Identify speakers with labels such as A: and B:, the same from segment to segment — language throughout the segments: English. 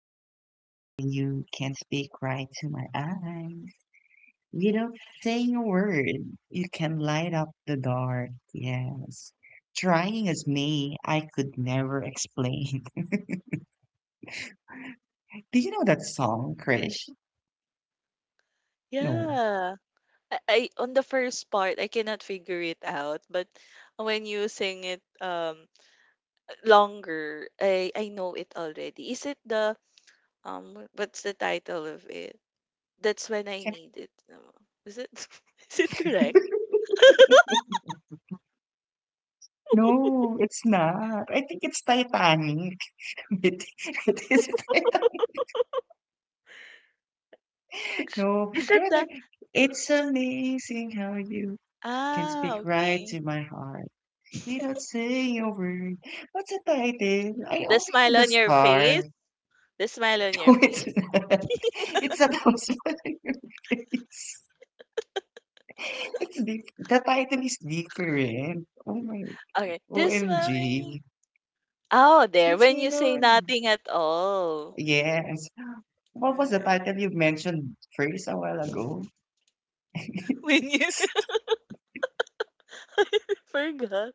A: amazing how you can speak right to my eyes. Without saying a word, you can light up the dark. Yes. Trying as me, I could never explain. Do you know that song, Krish? No.
B: Yeah. I on the first part I cannot figure it out, but when you sing it longer, I know it already. Is it the what's the title of it? That's when I need it. No. Is it is it correct?
A: No, it's not. I think it's Titanic. It, it is Titanic.
B: It's,
A: No. Do you
B: is it
A: know
B: the
A: the- It's amazing how you can speak right
B: okay,
A: to my heart. We don't say a word. What's the title? I
B: the
A: only know
B: smile
A: the
B: on your
A: star.
B: face, the smile on your
A: No, it's
B: face,
A: not. It's a thousand on your face. It's diff the title is different. Oh my,
B: okay, this smile on-
A: OMG.
B: oh, there,
A: It's
B: when
A: me
B: you
A: now.
B: say nothing at all,
A: Yes. What was the
B: right.
A: title you mentioned first a while ago?
B: When you forgot.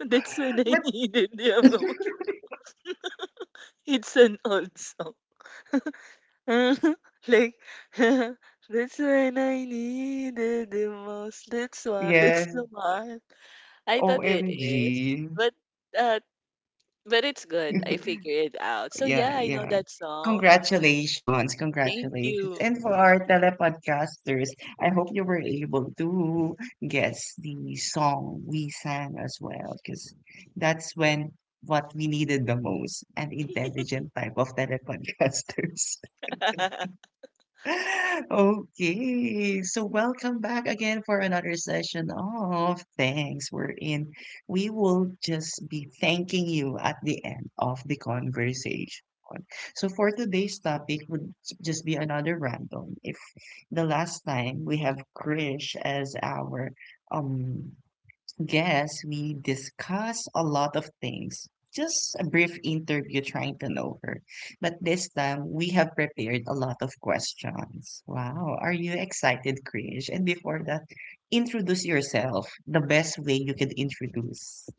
B: That's when I
A: But
B: needed the amount. It's an old song. Like, that's when I needed the most. That's why. That's
A: yes,
B: the one. I thought it is,
A: OMG.
B: but uh, but it's good. I figured it out. So
A: Yeah,
B: yeah, I know
A: yeah.
B: that song.
A: Congratulations,
B: Thank
A: congratulations.
B: you.
A: And for our telepodcasters, I hope you were able to guess the song we sang as well, because that's when what we needed the most, an intelligent type of telepodcasters. Okay, so welcome back again for another session of thanks. We're in. We will just be thanking you at the end of the conversation. So for today's topic would just be another random. If the last time we have Krish as our um guess, we discuss a lot of things. Just a brief interview trying to know her. But this time, we have prepared a lot of questions. Wow, are you excited, Krish? And before that, introduce yourself the best way you can introduce.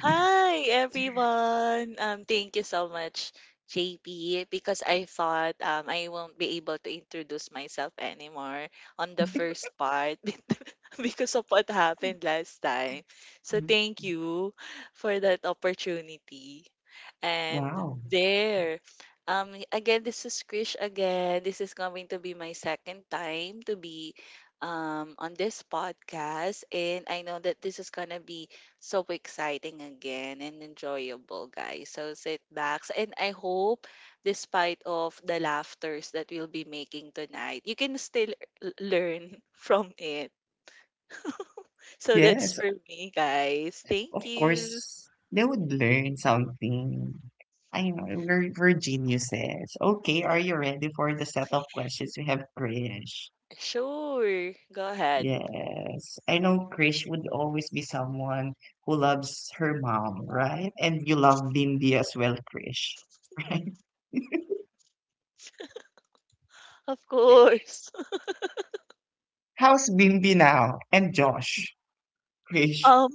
B: Hi, everyone. Thank you so much, JP, because I thought I won't be able to introduce myself anymore on the first part because of what happened last time. So
A: Mhm.
B: thank you for that opportunity. And
A: Wow.
B: there. Again, this is Krish again. This is going to be my second time to be on this podcast. And I know that this is going to be so exciting again and enjoyable, guys, so sit back and I hope, despite of the laughters that we'll be making tonight, you can still learn from it. So that's
A: Yes,
B: for me, guys.
A: of
B: Thank you.
A: course, they would learn something. I know, we're geniuses. Okay, are you ready for the set of questions we have, Krish?
B: Sure, go ahead.
A: Yes. I know Krish would always be someone who loves her mom, right? And you love Bimbi as well, Krish, right?
B: Of course.
A: How's Bimbi now? And Josh, Krish.
B: um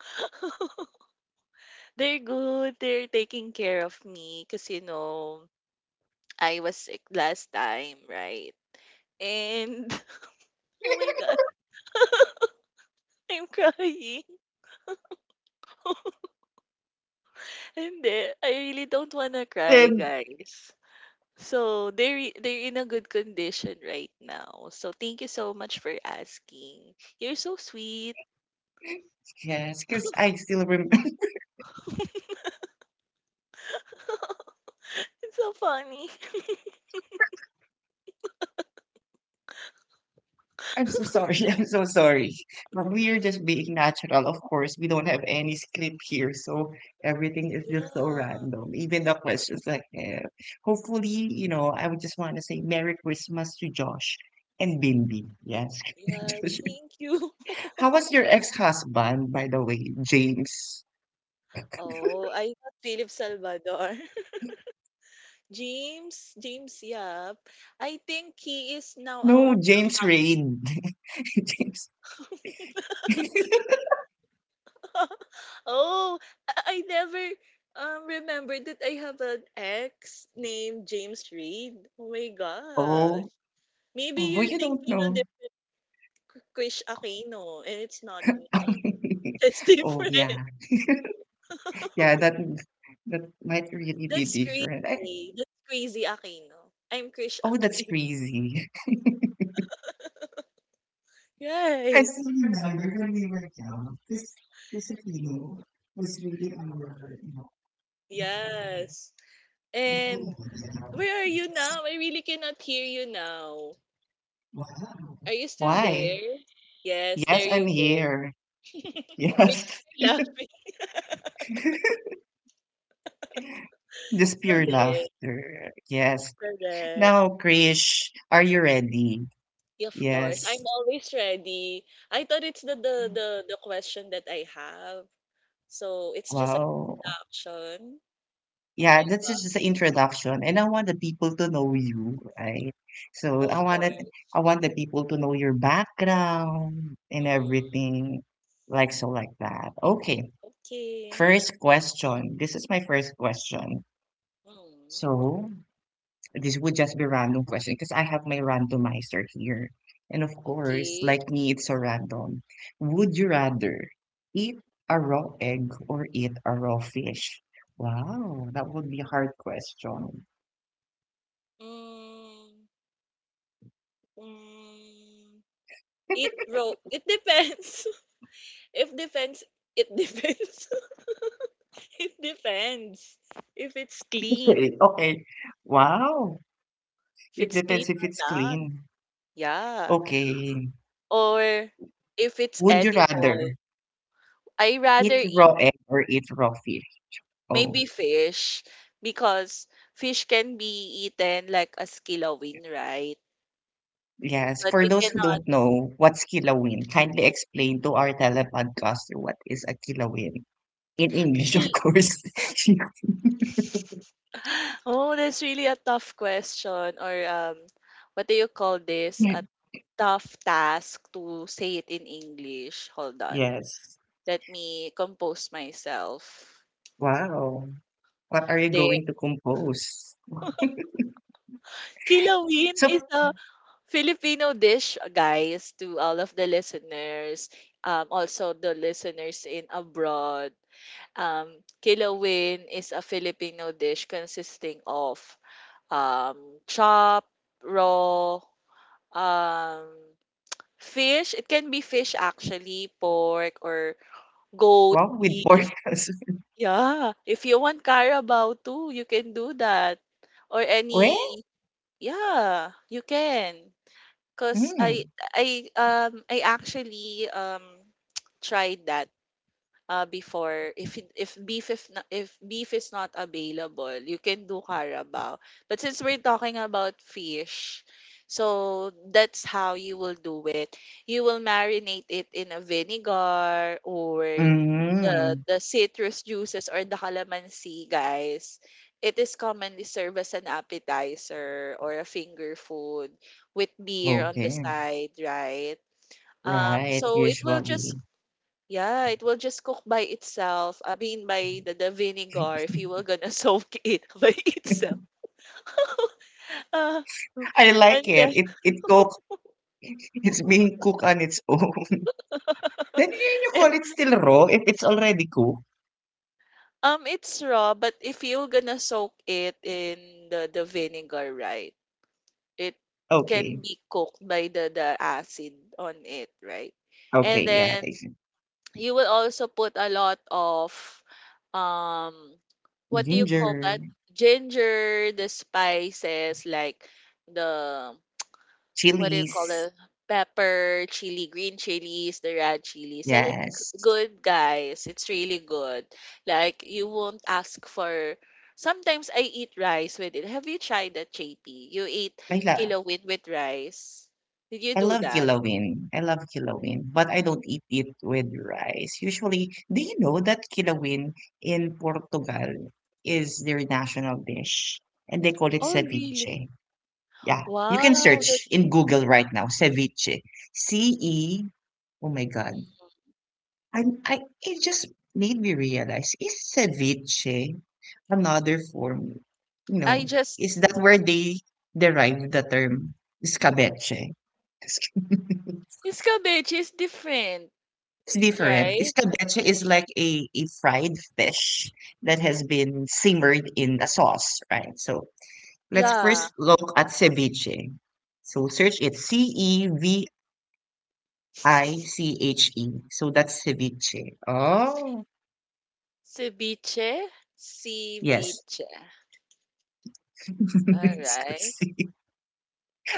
B: they're good. They're taking care of me because, you know, I was sick last time, right? And oh my god, I'm crying. Hindi, I really don't wanna cry,
A: And
B: guys. So they're they're in a good condition right now. So thank you so much for asking. You're so sweet.
A: yes, because I still remember.
B: It's so funny.
A: I'm so sorry. I'm so sorry. But we are just being natural, of course. We don't have any script here, so everything is just so
B: Yeah.
A: random. Even the questions like eh. Hopefully, you know, I would just want to say Merry Christmas to Josh and Bimby. Yes.
B: Yeah,
A: Josh.
B: thank you.
A: How was your ex-husband, by the way, James?
B: Oh, I thought Philip Salvador. James, James Yap. I think he is
A: No,
B: now,
A: James Reid. James.
B: um, oh, I I never remembered that I have an ex named James Reed. Oh my
A: Oh,
B: gosh. Maybe
A: oh,
B: you're
A: you don't
B: thinking of
A: know.
B: the Krish Aquino and it's not me. It's
A: Oh,
B: different.
A: yeah. Yeah, that might really be
B: That's
A: different. I.
B: crazy. That's crazy Aquino. I'm Krish
A: Oh, that's
B: Aquino.
A: crazy. I
B: Right.
A: still remember when we were young, this appeal was really our, you know, our
B: Yes. And
A: role model.
B: where are you
A: It's-
B: now? I really cannot hear you now.
A: Wow.
B: Are you still
A: Why?
B: there? Yes, there
A: Yes, I'm
B: you go.
A: here.
B: Maybe
A: Yes.
B: you're laughing.
A: Just
B: So
A: pure
B: there,
A: laughter. Yes.
B: correct.
A: Now, Krish, are you ready?
B: Of course,
A: Yes.
B: I'm always ready. I thought it's the question that I have. So it's just an
A: Wow.
B: introduction. Oh my
A: Yeah, that's
B: god.
A: just the introduction, and I want the people to know you, right? So
B: Of
A: I wanted,
B: course.
A: I want the people to know your background and
B: Mm.
A: everything, like so, like that. Okay,
B: Okay.
A: first question. This is my first question.
B: Mm.
A: So this would just be random question because I have my randomizer here, and of course,
B: Okay.
A: like me, it's a random. Would you rather eat a raw egg or eat a raw fish? Wow, that would be a hard question.
B: Mm. Mm. It depends. if depends it depends. it depends. If it's clean.
A: Okay. Okay. Wow.
B: If
A: It
B: it's clean
A: depends if
B: or
A: it's
B: not.
A: clean.
B: Yeah.
A: Okay.
B: Or if it's
A: Would you
B: edible.
A: rather
B: I rather
A: eat
B: eat
A: raw egg or eat raw fish? Oh,
B: maybe fish, because fish can be eaten like as kilawin, right?
A: yes.
B: But
A: For
B: you
A: those who
B: cannot
A: don't know, what's kilawin? Kindly explain to our telepodcaster what is a kilawin. In English,
B: kill.
A: of course.
B: Oh, that's really a tough question. Or what do you call this? A tough task to say it in English. Hold on,
A: Yes.
B: let me compose myself.
A: Wow. What are you
B: There,
A: going to compose?
B: kilawin
A: So,
B: is a Filipino dish, guys, to all of the listeners, also the listeners in abroad. Um, kilawin is a Filipino dish consisting of um, chop, raw, um, fish. It can be fish actually, pork or goat,
A: wow, with
B: beef.
A: organs.
B: Yeah. If you want Carabao too, you can do that. Or any,
A: Well,
B: yeah, you can. Cause I
A: mm.
B: I um I actually tried that before if if beef, if not, if beef is not available you can do carabao. But since we're talking about fish, so that's how you will do it. You will marinate it in a vinegar, or the
A: Mm.
B: the citrus juices or the calamansi, guys. It is commonly served as an appetizer or a finger food with beer on the
A: Okay.
B: side, right?
A: Right,
B: So it will just
A: usually.
B: yeah, it will just cook by itself. I mean, by the vinegar, if you were gonna soak it by itself. Ah,
A: I like
B: and
A: it.
B: then,
A: It cook. It's being cooked on its own. Then you
B: and
A: call it still raw if it's already cooked?
B: it's raw, but if you're gonna soak it in the vinegar, right? It
A: Okay.
B: can be cooked by the acid on it, right? And
A: Okay, yeah.
B: then
A: I see.
B: you will also put a lot of um, what do you call
A: Ginger,
B: that? Ginger, the spices like the, what do you call
A: chilies.
B: it? Pepper, chili, green chilies, the red chilies. And it's
A: Yes.
B: good, guys. It's really good. Like, you won't ask for. Sometimes I eat rice with it. Have you tried that, JP? You eat
A: I love
B: kilawin with rice. Did you
A: I
B: do
A: love
B: that?
A: kilawin. I love kilawin, but I don't eat it with rice. Usually, do you know that kilawin in Portugal is their national dish and they call it
B: Oh, really?
A: ceviche. Yeah. You can
B: Wow.
A: search
B: That's.
A: in Google right now, ceviche. C E. Oh my God.
B: Mhm.
A: And I it just made me realize, is ceviche another form? You
B: I
A: know, is
B: just.
A: that where they derived the term escabeche? It's
B: Cabbage is different,
A: different.
B: right?
A: Escabeche is like a fried fish that has been simmered in a sauce, right? So let's
B: Yeah.
A: first look at ceviche. So search it Ceviche. So that's ceviche. Oh,
B: Ceviche.
A: yes.
B: Ceviche. All
A: It's the
B: right.
A: C.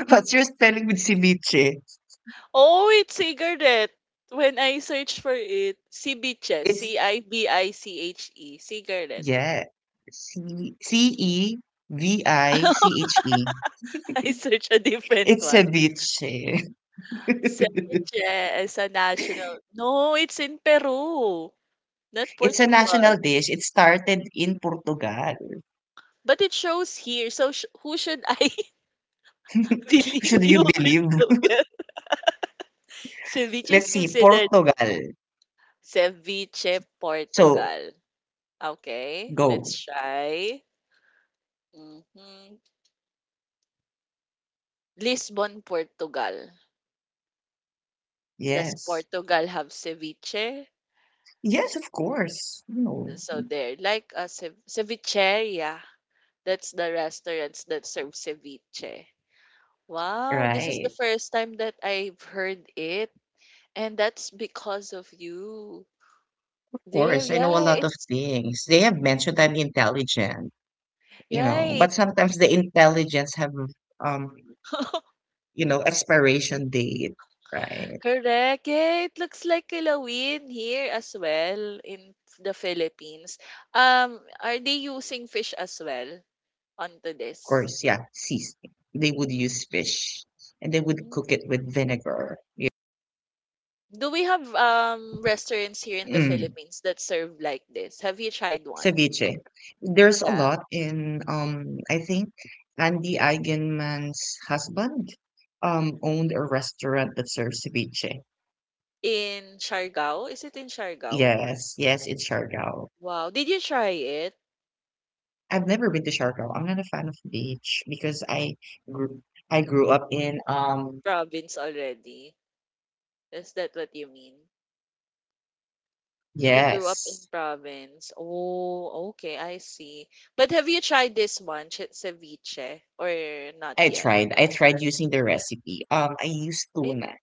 A: What's your spelling with ceviche?
B: Oh, it's cigarette. When I search for it, ceviche,
A: It's
B: C-I-B-I-C-H-E, cigarette.
A: yeah, C C E V I C H E.
B: I search a different
A: It's
B: one.
A: ceviche.
B: Ceviche is a national. No, it's in Peru, not
A: It's a
B: Portugal.
A: national dish. It started in Portugal.
B: But it shows here, so who should I believe,
A: Should
B: you
A: you
B: on
A: believe?
B: Google? Ceviche is
A: Let's see,
B: considered
A: Portugal.
B: ceviche
A: So
B: Portugal. Okay, let's
A: go.
B: try. Hmm. Lisbon, Portugal. Does
A: Yes.
B: Portugal have ceviche?
A: Yes, of course. No.
B: So they're like a cevicheria. That's the restaurants that serve ceviche. Wow, this is the
A: Right.
B: first time that I've heard it. And that's because of you.
A: Of
B: There,
A: course. I know a
B: yeah,
A: lot of
B: it's
A: things. They have mentioned I'm intelligent, you know, but
B: right.
A: sometimes the intelligence have um you know, expiration date, right?
B: Correct. Yeah, it looks like kilawin here as well in the Philippines. Are they using fish as well onto
A: Of
B: this?
A: course, yeah, seasoning. They would use fish and they would cook it
B: Mm-hmm.
A: with vinegar. Yeah.
B: Do we have restaurants here in the
A: Mm,
B: Philippines that serve like this? Have you tried one?
A: ceviche. There's a
B: Yeah.
A: lot in, I think Andy Eigenman's husband owned a restaurant that serves ceviche.
B: In Siargao? Is it in Siargao?
A: Yes, yes, in Siargao.
B: Wow. Did you try it?
A: I've never been to Siargao. I'm not a fan of the beach because I grew. I grew up in.
B: Province already. Is that what you mean? You grew up in
A: Yes.
B: province. Oh, okay, I see. But have you tried this one, ceviche, or not
A: I
B: yet?
A: tried. I tried using the recipe. I used
B: It,
A: tuna.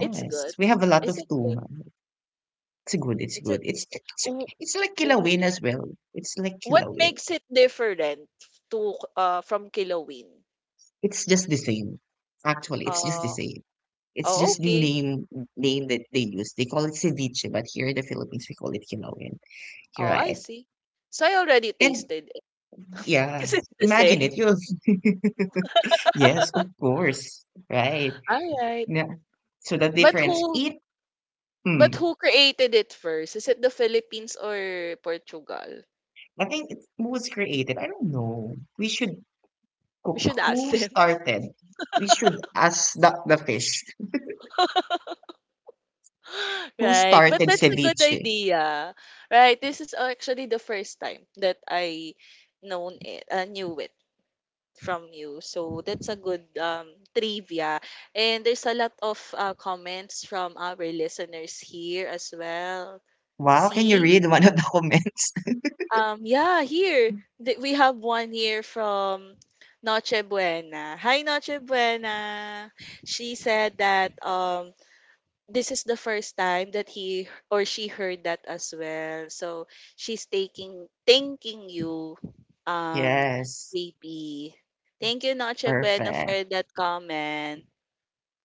B: it's good.
A: we have a lot
B: Is
A: of
B: it good?
A: tuna. It's good. It's
B: Is
A: good.
B: it? w-
A: It's like
B: w-
A: kilawin as well. It's like
B: What
A: kilawin.
B: makes it different to from kilawin?
A: It's just the same. Actually, it's just the
B: Oh,
A: same. It's
B: oh,
A: just the
B: okay.
A: name that they use. They call it ceviche, but here in the Philippines we call it kilawin. You're
B: Oh, I
A: right.
B: see. So I already
A: And
B: tasted it
A: yeah,
B: because it's the
A: imagine
B: same.
A: it. You yes, of course. Right.
B: All right.
A: Yeah. So the
B: But
A: difference.
B: who,
A: It. Hmm,
B: but who created it first? Is it the Philippines or Portugal?
A: I think it's was created. I don't know. We should
B: We
A: cook.
B: should ask
A: Who
B: them.
A: started? We should ask the fish. Who
B: Right. But
A: started
B: that's a good
A: ceviche?
B: idea. Right. This is actually the first time that I known it, knew it from you. So that's a good trivia. And there's a lot of comments from our listeners here as well.
A: Wow, can you
B: See?
A: read one of the comments?
B: Yeah, here. We have one here from Noche Buena. Hi, Noche Buena. She said that this is the first time that he or she heard that as well. So she's taking thanking you, um,
A: Yes.
B: JP. Thank you, Noche Buena, for
A: Perfect.
B: that comment.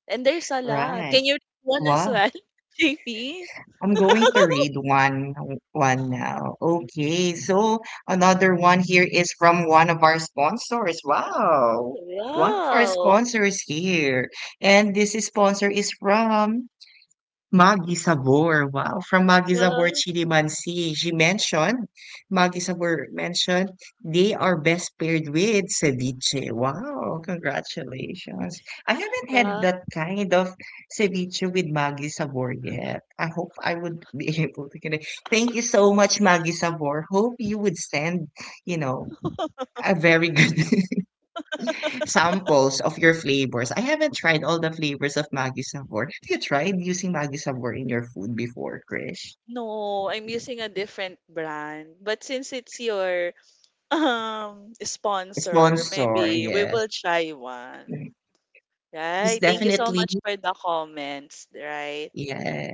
B: And there's a lot.
A: Right.
B: Can you read one as
A: Wow.
B: well, JP?
A: I'm going to read one now. Okay. So another one here is from one of our sponsors. Wow. One of our
B: Wow.
A: sponsors here. And this sponsor is from Maggi Sabor, wow, from Maggi Sabor
B: Wow.
A: Chilimansi. She mentioned, Maggi Sabor mentioned, they are best paired with ceviche. Wow, congratulations. I haven't had
B: Wow.
A: that kind of ceviche with Maggi Sabor yet. I hope I would be able to get it. Thank you so much, Maggi Sabor. Hope you would send, you know, a very good samples of your flavors. I haven't tried all the flavors of Maggi Sabor. Have you tried using Maggi Sabor in your food before, Krish?
B: No, I'm using a different brand. But since it's your sponsor,
A: Sponsor,
B: maybe we will
A: yes.
B: try one.
A: It's
B: Right? Thank you so
A: definitely,
B: much for the comments, right?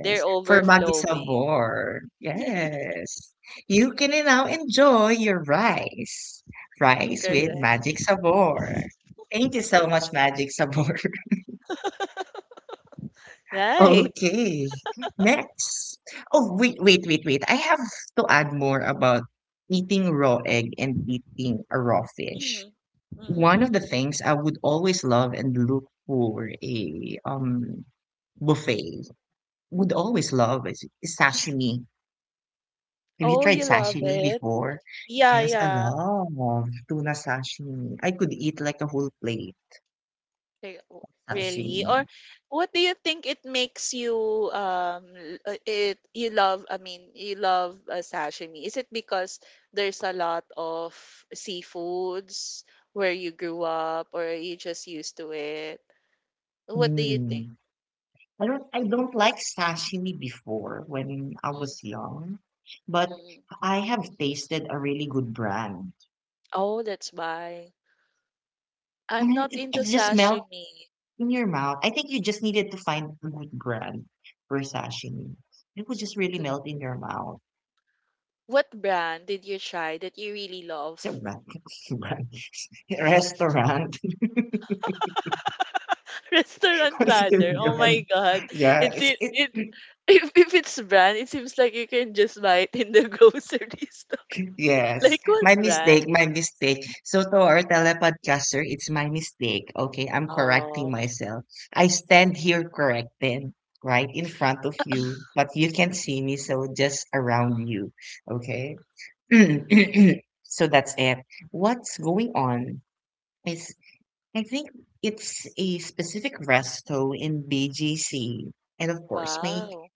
B: They're
A: For Maggi
B: overflowing.
A: Sabor, yes. You can now enjoy your rice. Rice with
B: Correct.
A: Magic Sabor. Thank you so much, Magic Sabor.
B: Right.
A: Okay. Next. Oh, wait. I have to add more about eating raw egg and eating a raw fish.
B: Mm.
A: One of
B: Mm.
A: the things I would always love and look for a buffet would always love is sashimi. Have you
B: Oh,
A: tried
B: you love
A: sashimi
B: it.
A: before?
B: Yeah,
A: Yes, I
B: yeah.
A: love tuna sashimi. I could eat like a whole plate
B: Like, really?
A: sashimi.
B: Or what do you think it makes you it, you love, I mean, you love sashimi? Is it because there's a lot of seafoods where you grew up, or are you just used to it? What do you think?
A: Mm. I don't like sashimi before when I
B: Mm,
A: was young, but
B: mm.
A: I have tasted a really good brand.
B: Oh, that's why. I'm
A: And
B: not
A: it,
B: into
A: it just melts
B: sashimi.
A: in your mouth. I think you just needed to find a good brand for sashimi. It will just really
B: L-
A: melt in your mouth.
B: What brand did you try that you really
A: It's a
B: love?
A: brand, brand restaurant.
B: Restaurant
A: Consider
B: rather. Oh my
A: brand.
B: God.
A: Yeah,
B: It's
A: it's
B: it,
A: it.
B: if it's brand, it seems like you can just buy it in the grocery store.
A: Yes,
B: Like what
A: my
B: brand?
A: mistake, my mistake. So to our telepodcaster, it's my mistake. Okay, I'm correcting
B: Oh,
A: myself. I stand here corrected, right in front of you, but you can't see me, so just around you. Okay. So that's it. What's going on is I think it's a specific resto in BGC, and of course, my
B: wow.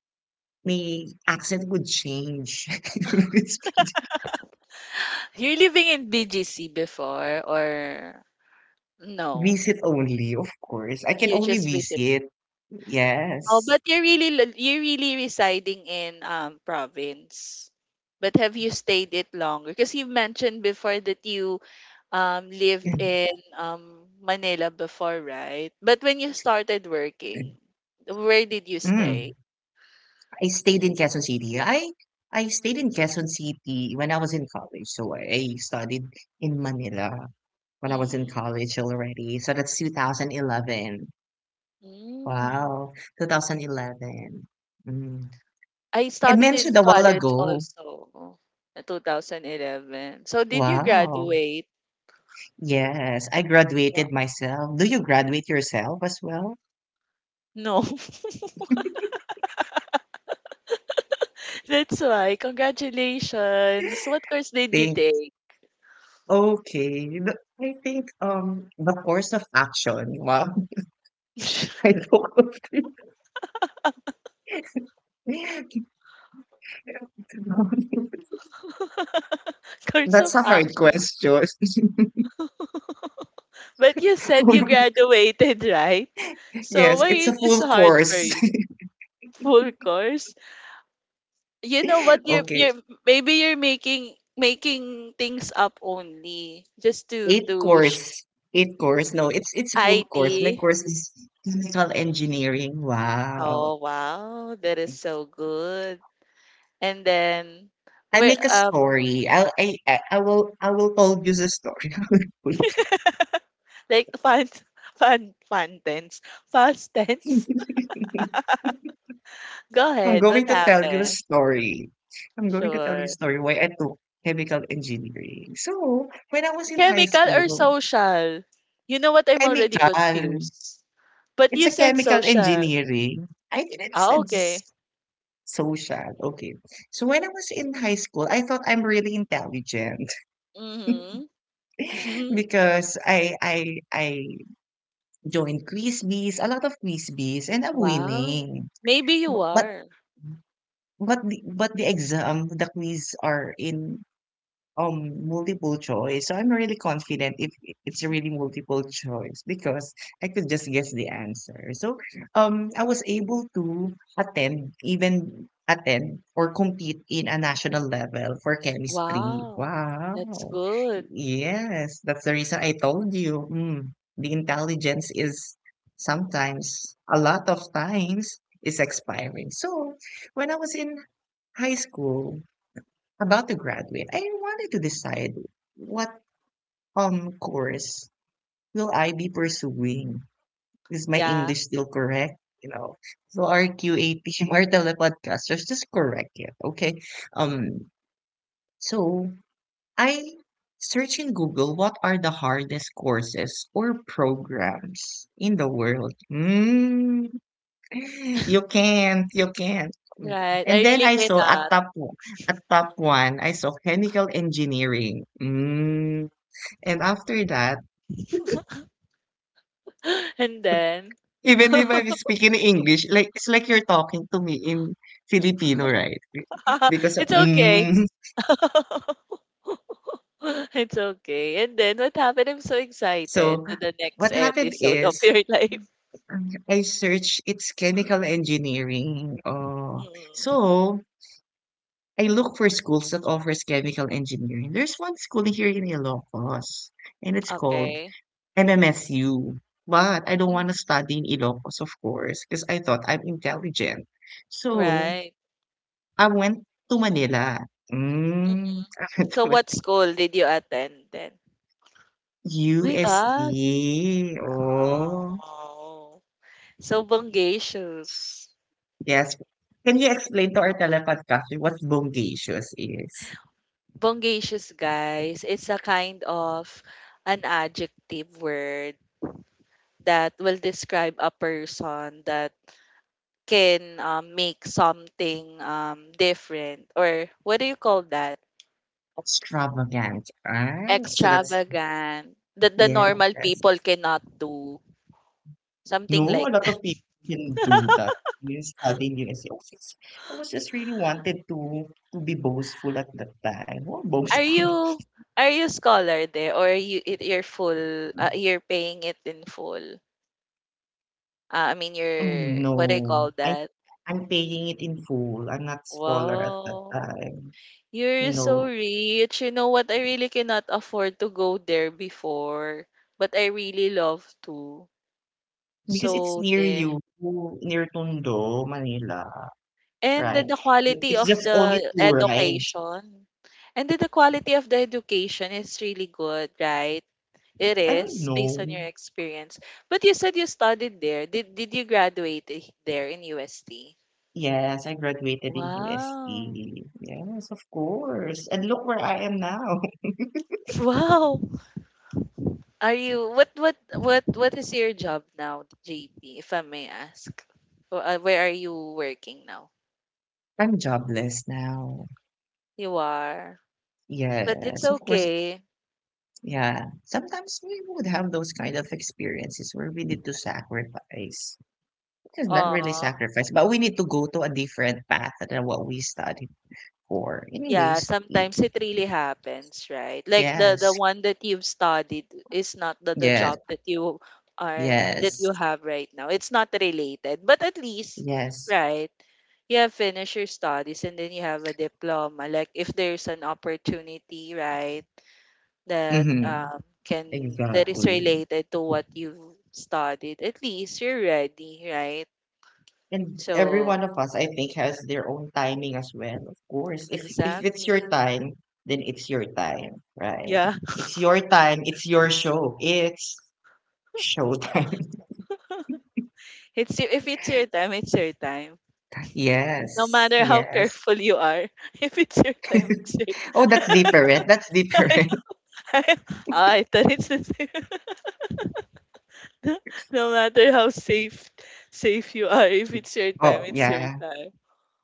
A: my accent would change.
B: You're living in BGC before or no?
A: Visit only, of course. I can
B: You
A: only
B: just visit.
A: visit.
B: Oh,
A: Yes.
B: but you're really you're really residing in province. But have you stayed it longer? Because you mentioned before that you lived in Manila before, right? But when you started working, where did you
A: Mm.
B: stay?
A: I stayed in Quezon City. I stayed in Quezon City when I was in college. So I studied in Manila when I was in
B: Hmm.
A: college already. So that's 2011.
B: Mm.
A: Wow, 2011. Mm.
B: I
A: I
B: studied in
A: mentioned a while
B: college
A: ago.
B: also, in 2011. So did you
A: Wow.
B: graduate?
A: Yes, I graduated
B: Wow.
A: myself. Do you graduate yourself as well?
B: No. That's why. Congratulations. What course did you
A: Thank.
B: take?
A: Okay, the I think, the course of action, wow, I don't focus.
B: Course of
A: That's a hard
B: action.
A: question.
B: But you said you
A: Full-.
B: graduated, right? So
A: Yes,
B: why
A: it's
B: is
A: a
B: this
A: full
B: hard for
A: course.
B: you? Full course? You know what, you're
A: Okay,
B: you're maybe you're making things up only just to
A: 8
B: sh-
A: course, 8 course, no, it's full course, my
B: IT.
A: course is chemical engineering, wow.
B: Oh, wow, that is so good. And then
A: I
B: wait,
A: make a story, I will told you the story.
B: like fun fun tense. Past tense. Go
A: I'm
B: ahead, what
A: going to tell you a
B: happened?
A: story. I'm going to tell you a
B: Sure.
A: story why I took chemical engineering. So, when I was in high
B: Chemical or
A: school,
B: social? You know what? I'm already
A: chemical,
B: confused. But
A: it's
B: you
A: a
B: said
A: chemical
B: social.
A: engineering. I didn't
B: Ah, okay.
A: sense social. Okay. So when I was in high school, I thought I'm really intelligent
B: Mm-hmm.
A: because I joined quiz bees, a lot of quiz bees, and I'm
B: Wow.
A: winning.
B: Maybe you
A: Bu- But
B: are.
A: but the exam, the quiz are in multiple choice. So I'm really confident if it's really multiple choice because I could just guess the answer. So I was able to attend or compete in a national level for chemistry.
B: Wow. That's
A: Wow.
B: good.
A: Yes, that's the reason I told you. The intelligence is sometimes a lot of times is
B: Mhm.
A: expiring. So when I was in high school, about to graduate, I wanted to decide what course will I be pursuing. Is my
B: Yeah.
A: English still correct? So our QA team, our telepodcasters, just correct it, okay? Um, so I search in Google what are the hardest courses or programs in the world. Hmm, you can't, you can't. Mm.
B: Right. I
A: And then
B: really
A: I saw
B: cannot.
A: at top one, I saw chemical engineering. Mm. And after that,
B: And then
A: even if I'm speaking English, like it's like you're talking to me in Filipino, right? Because of,
B: it's okay.
A: mm.
B: It's okay. And then what happened? I'm so
A: So
B: excited to the next
A: what happened
B: episode of
A: is
B: your life.
A: I searched it's chemical engineering. Oh,
B: Mm.
A: so I look for schools that offers chemical engineering. There's one school here in Ilocos, and it's called
B: Okay.
A: MMSU. But I don't want to
B: Mm.
A: study in Ilocos, of course, because I thought I'm intelligent. So
B: Right.
A: I went to Manila.
B: Mhm.
A: I went to
B: So
A: Man-
B: what school did you attend then? My God.
A: USE. Oh,
B: Oh. So bongacious.
A: yes. Can you explain to our telepodcaster what bonggacious is?
B: Bongacious, guys. It's a kind of an adjective word that will describe a person that can make something different or what do you call that
A: Extravagant, right? So that's,
B: extravagant that the normal
A: yes.
B: people cannot do
A: No,
B: something like
A: a lot
B: that.
A: of people can do that. You studying USC. I was just really wanted to be boastful at that time. Well,
B: Are
A: boastful.
B: you are you scholar there or you're full you're paying it in full I mean
A: Mm,
B: you're what do you
A: No,
B: call
A: I
B: that?
A: I'm paying it in full. I'm not scholar at that
B: Wow,
A: time, you
B: you're so
A: know,
B: rich. You know what, I really cannot afford to go there before, but I really love to.
A: because it's
B: So
A: near
B: there.
A: you, near Tondo, Manila,
B: And
A: right?
B: then the quality
A: It's
B: of
A: just only
B: the
A: two rides.
B: education and then the quality of the education is really good, right? It
A: I don't
B: is, based on
A: know.
B: your experience. But you said you studied there. Did you there in UST?
A: Yes, I graduated in
B: Wow.
A: UST. Yes, of course. And look where I am now.
B: Wow. Are you what what is your job now, JP, if I may ask? Where are you working now?
A: I'm jobless now.
B: You are. But it's
A: Yes, of course.
B: okay.
A: Yeah. Sometimes we would have those kind of experiences where we need to sacrifice. It is not really
B: Aw.
A: sacrifice, but we need to go to a different path than what we studied for.
B: Yeah,
A: Anyways,
B: sometimes it really happens, right? Like the
A: yes,
B: one that you've studied is not the job
A: yes,
B: that you are that you
A: yes,
B: have right now. It's not related, but at least,
A: yes.
B: right? You have finished your studies and then you have a diploma. Like if there's an opportunity, right, that
A: Mm-hmm.
B: can that is
A: Exactly.
B: related to what you've studied, at least you're ready, right?
A: And every
B: So
A: one of us, I think, has their own timing as well. Of course, if it's your
B: exactly.
A: time, then it's your time, right?
B: Yeah.
A: It's your time. It's your show. It's showtime.
B: It's your, if it's your time, it's your time. No
A: Yes,
B: matter how
A: yes.
B: careful you are, if it's your time, it's your
A: Oh, that's different. That's
B: time.
A: different.
B: I thought it's the same. No, no matter how safe you are, if it's your time,
A: Oh,
B: it's your
A: yeah.
B: time.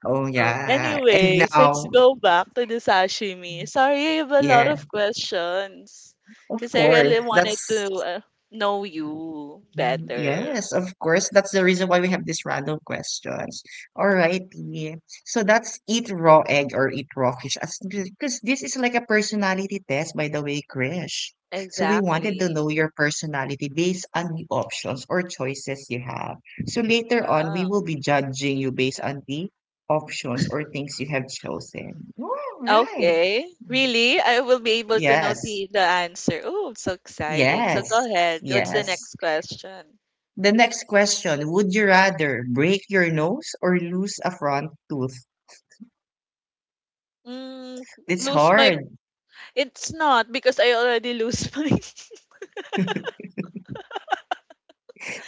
A: Oh, yeah. And
B: Anyways, let's
A: now,
B: go back to the sashimi. Sorry, I have a lot
A: yeah.
B: of questions
A: Of
B: because I really
A: course,
B: wanted to
A: that's.
B: uh, know you
A: Mhm.
B: better.
A: Yes, of course. That's the reason why we have these random questions. Alrighty. So that's eat raw egg or eat raw fish. As Because this is like a personality test, by the way, Krish. So we wanted to
B: Exactly.
A: know your personality based on the options or choices you have. So later on, we will be judging you based on the options or things you have chosen. All right.
B: Okay. Really? I will be able to know
A: Yes.
B: the answer. Oh, it's so exciting. So
A: Yes.
B: go ahead. What's the
A: Yes.
B: next question?
A: The next question, would you rather break your nose or lose a front tooth?
B: Mm,
A: It's
B: lose my.
A: hard.
B: It's not because I already lose my.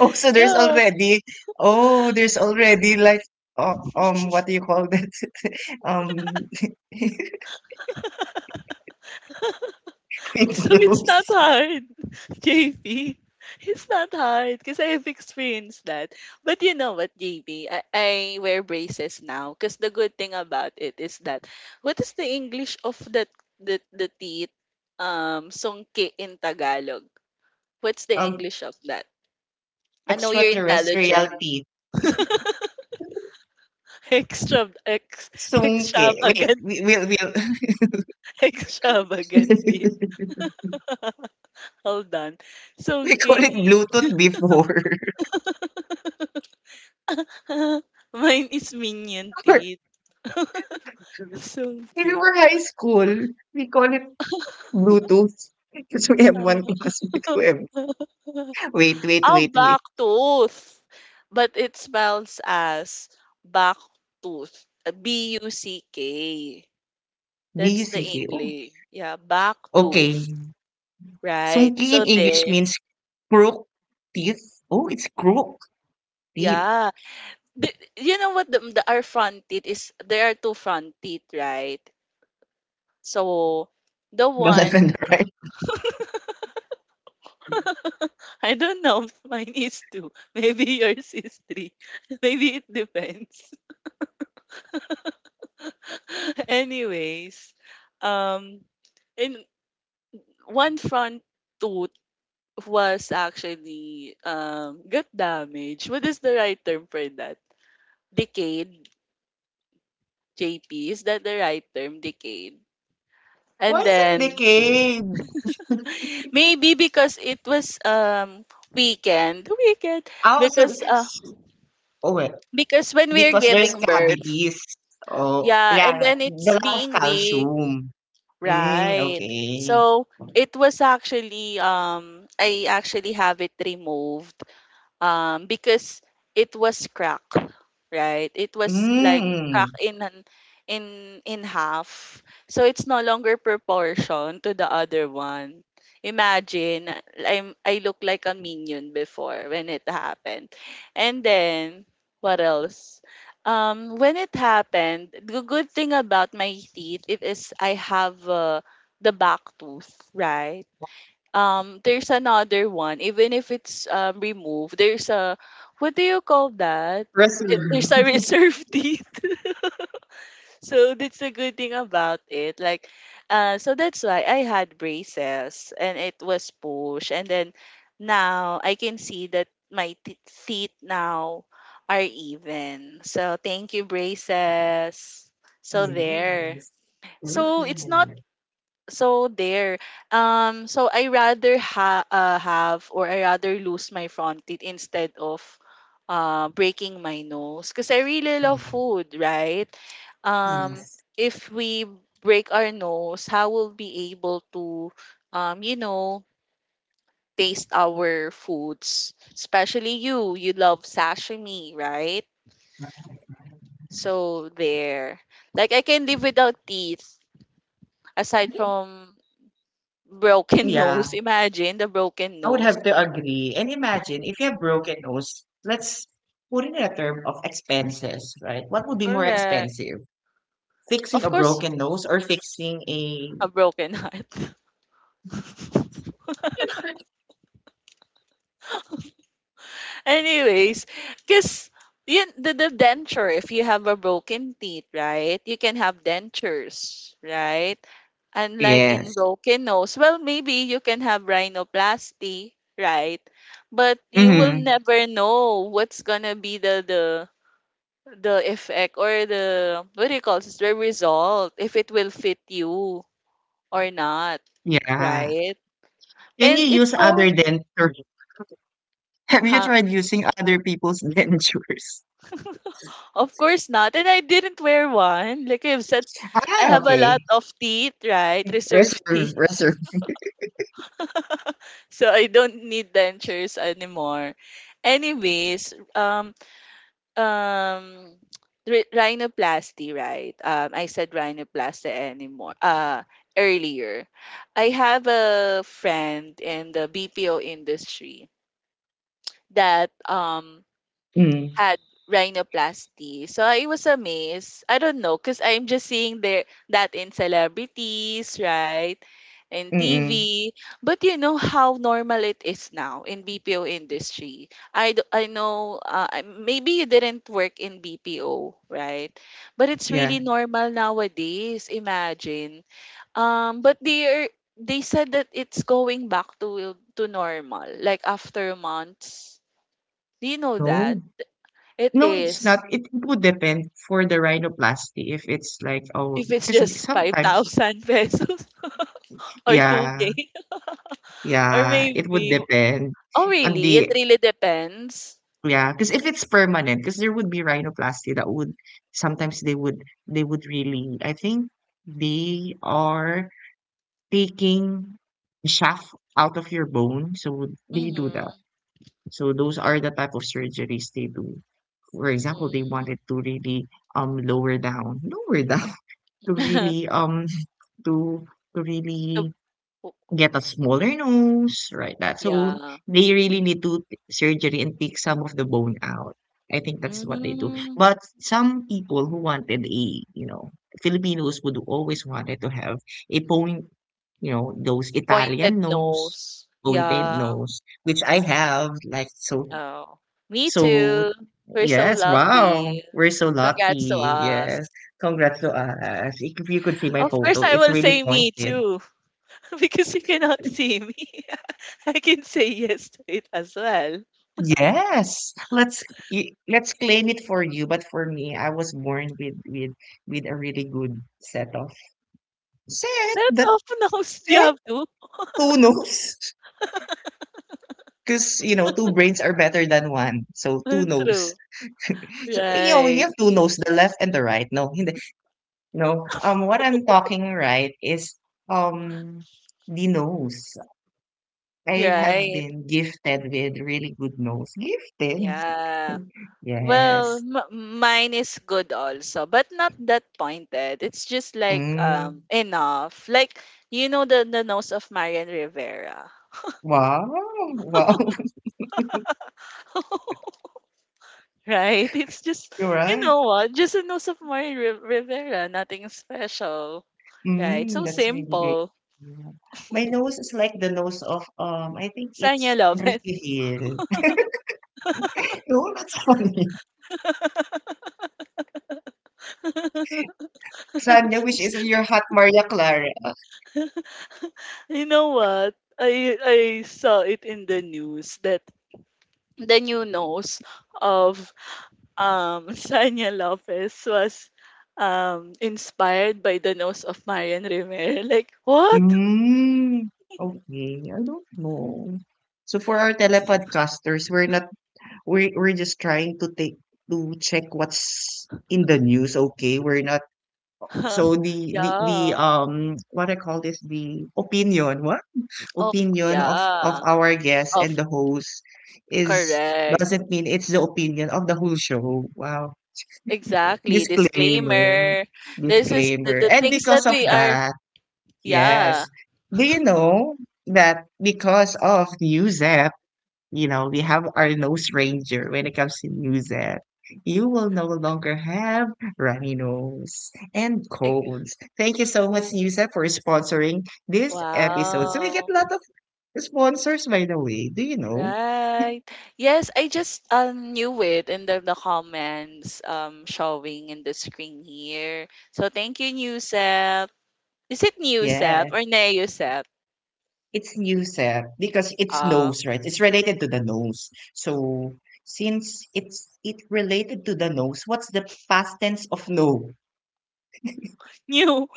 A: Oh, so there's
B: Yeah.
A: already, oh, there's already like, what do you call that? Um,
B: So it's not
A: Windows.
B: hard, JP. It's not hard because I've experienced that. But you know what, JP? I wear braces now because the good thing about it is that what is the English of the teeth? Songke in Tagalog. What's the
A: Um,
B: English of that? I know you're
A: extraterrestrial
B: intelligent.
A: teeth.
B: Extra
A: Sungke. Wait,
B: extravagant extravagant teeth. Hold on.
A: we
B: Songke
A: call
B: in
A: it Bluetooth
B: English.
A: before.
B: Mine is minion teeth. So
A: When we
B: okay.
A: were high school, we call it Bluetooth. Because we have
B: Uh,
A: one classmate who have. Wait, wait,
B: ah,
A: wait, wait.
B: back tooth. But it spells as back tooth. buck. That's the
A: duck. Oh,
B: English. Yeah, back tooth.
A: okay.
B: Right.
A: Sungki in
B: So
A: English
B: there.
A: means crook teeth. Oh, it's crook teeth.
B: Yeah. The, you know what, the our front teeth, is there are two front teeth, right? So the
A: The left and
B: one,
A: the right.
B: I don't know if mine is two. Maybe yours is three. Maybe it depends. Anyways, um, in one front tooth was actually got damaged. What is the right term for that? Decayed. JP, is that the right term? Decayed.
A: Why
B: And
A: is it
B: then
A: decayed?
B: maybe because it was weekend
A: Oh, so,
B: because uh
A: oh, well,
B: because when we're
A: because there's
B: giving birth.
A: cavities. Oh,
B: Yeah, and
A: yeah,
B: then
A: the
B: it's
A: lack of
B: being weak,
A: calcium. Mm,
B: right?
A: okay.
B: So it was actually I actually have it removed because it was cracked, right? It was like cracked
A: Mm.
B: in half, so it's no longer proportion to the other one. Imagine, I look like a minion before when it happened. And then what else? When it happened, the good thing about my teeth, it is I have the back tooth, right? There's another one, even if it's removed, there's a, what do you call that?
A: Proceed.
B: There's a reserved teeth. So that's a good thing about it. Like, so that's why I had braces and it was push. And then now I can see that teeth now are even. So thank you, braces. So there.
A: Yes.
B: So it's not,
A: Perfect.
B: so there, so I rather have, or I rather lose my front teeth instead of breaking my nose, because I really love food, right? um if we break our nose, how will be able to you know, taste our foods, especially you, you love sashimi, right? So there. Like I can live without teeth, aside from broken
A: Yes.
B: nose. Imagine the broken
A: I would
B: nose.
A: have to agree. And imagine if you have broken nose, let's put it in a term of expenses, right? What would be more
B: Correct.
A: expensive? Fixing
B: Of
A: a
B: course,
A: broken nose or fixing a.
B: a broken heart. Anyways, because you, the denture, if you have a broken teeth, right, you can have dentures, right? And like in
A: Yes.
B: broken nose, well, maybe you can have rhinoplasty, right? But you will
A: Mm-hmm.
B: never know what's gonna be the the effect, or the, what do you call this, the result, if it will fit you or not,
A: Yeah.
B: right?
A: Can you
B: And it's
A: use
B: going,
A: other denture? Have you
B: huh?
A: tried using other people's dentures?
B: Of course not. And I didn't wear one. Like I've said, I
A: Ah,
B: have a lot
A: okay.
B: of teeth, right? Reserved teeth.
A: Reserve, reserve.
B: So I don't need dentures anymore. Anyways, um, rhinoplasty, right? I said rhinoplasty anymore. Earlier, I have a friend in the BPO industry that
A: Mm,
B: had rhinoplasty. So I was amazed. I don't know, because I'm just seeing there that in celebrities, right? In TV.
A: mm-mm.
B: But you know how normal it is now in BPO industry. I know, maybe you didn't work in BPO, right? But it's
A: Yeah.
B: really normal nowadays, imagine. But they are, they said that it's going back to normal, like after months. Do you know that?
A: No.
B: It
A: No, it's not.
B: is.
A: It would depend for the rhinoplasty if it's like, oh,
B: If it's
A: because
B: just
A: sometimes
B: 5,000 pesos or
A: yeah,
B: 2K or
A: yeah, it would
B: maybe,
A: depend
B: oh,
A: on
B: really? It
A: the,
B: really depends.
A: yeah. Because if it's permanent, because there would be rhinoplasty that would sometimes they would really, I think they are taking the shaft out of your bone, so they do that.
B: Mhm.
A: So those are the type of surgeries they do. For example, they wanted to really lower down to really to to
B: The
A: really.
B: po-
A: Get a smaller nose, right, that so
B: yeah.
A: they really need to surgery and take some of the bone out. I think that's what they do.
B: Mm.
A: But some people who wanted a, Filipinos would always wanted to have a point, those Italian
B: Pointed
A: nose,
B: nose.
A: pointed
B: Yeah.
A: nose, which I have, like, so
B: Oh. Me
A: so
B: too. We're so
A: yes, wow,
B: lucky.
A: we're so
B: Congrats to
A: lucky,
B: us.
A: yes. Congrats to us. If you could see my
B: Of course,
A: photo,
B: I
A: it's
B: will
A: really
B: say me
A: pointed.
B: too, because you cannot see me. I can say yes to it as well.
A: Yes, let's let's claim it for you. But for me, I was born with a really good set of, set
B: Set
A: that
B: of nose. You
A: set
B: have to.
A: two nose, because two brains are better than one. So two nose.
B: True.
A: So you
B: Right,
A: have two nose, the left and the right. No, hindi. No. What I'm talking right is um the nose. I have
B: right.
A: been gifted with really good nose. Gifted.
B: Yeah. Well,
A: Yes.
B: mine is good also, but not that pointed. It's just like
A: Mm.
B: enough. Like, you know, the nose of Marian Rivera.
A: Wow, wow,
B: Right? It's just,
A: you're
B: you
A: right.
B: know what? Just a nose of Marian Rivera, nothing special. Right?
A: Mm,
B: So
A: that's really great.
B: simple.
A: Yeah. My nose is like the nose of, I think
B: Sanya
A: it's
B: love
A: Enrique
B: it.
A: Hill. No, that's funny. Sanya, which is your hot Maria Clara.
B: You know what? I saw it in the news that the new nose of Sanya Lopez was inspired by the nose of Marian Rivera. Like, what?
A: Mm, okay, I don't know. So for our telepodcasters, we're not, we're just trying to check what's in the news. Okay, we're not.
B: Huh.
A: So the the the
B: Yeah.
A: um what I call this, the opinion what.
B: Of,
A: Opinion of
B: yeah.
A: our guest
B: Of,
A: and the host is
B: correct.
A: doesn't mean it's the opinion of the whole show. Wow.
B: Exactly.
A: Disclaimer.
B: Disclaimer. This is
A: Disclaimer.
B: the
A: And
B: things that
A: because of
B: we are,
A: that,
B: yeah.
A: yes. Do you know that because of Newsep, we have our nose ranger when it comes to Newsep. You will no longer have runny nose and
B: Eg-
A: colds. Thank you so much, Newsep, for sponsoring this episode. So we get a
B: wow.
A: lot of sponsors, by the way, do you know?
B: Right. Yes, I just knew it in the comments showing in the screen here. So thank you, Newsel. Is it new Sep
A: Yeah,
B: or Neo Sep?
A: it's Nusep because it's
B: Uh,
A: nose, right? It's related to the nose. So since it related to the nose, what's the past tense of no?
B: New.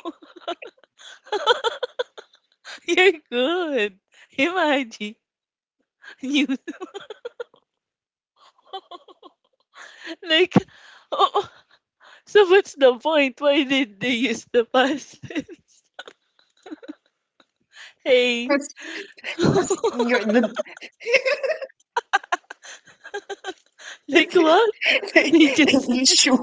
B: You're good. Imagine. New. Like, oh, so what's the point? Why did they use the past tense? Hey.
A: That's, that's your, the,
B: Like what? They just
A: the issue,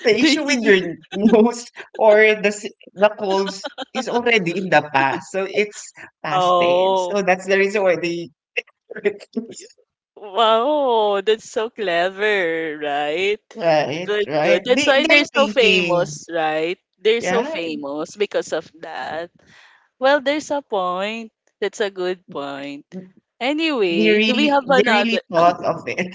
B: they
A: with
B: use,
A: your nose, or the colds, is already in the past, so it's past tense.
B: oh.
A: So that's the reason why they
B: Y-
A: refuse.
B: wow, that's so clever, right?
A: Right,
B: Good,
A: right.
B: good. That's why they're
A: They're
B: so
A: thinking,
B: famous, right? They're so
A: yeah,
B: famous because of that. Well, there's a point. That's a good point. Anyway, do we have
A: they really
B: another?
A: thought of it.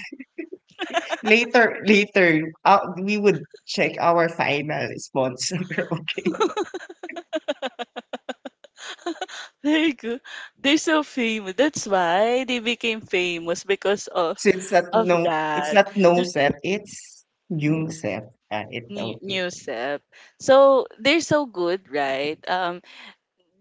A: Later, we would check our final sponsor. Okay,
B: There you go. They're so famous. That's why they became famous because of
A: so it's not no, it's
B: that
A: not no
B: l-
A: set, it's new set, right?
B: new
A: Okay.
B: newsep. So they're so good, right?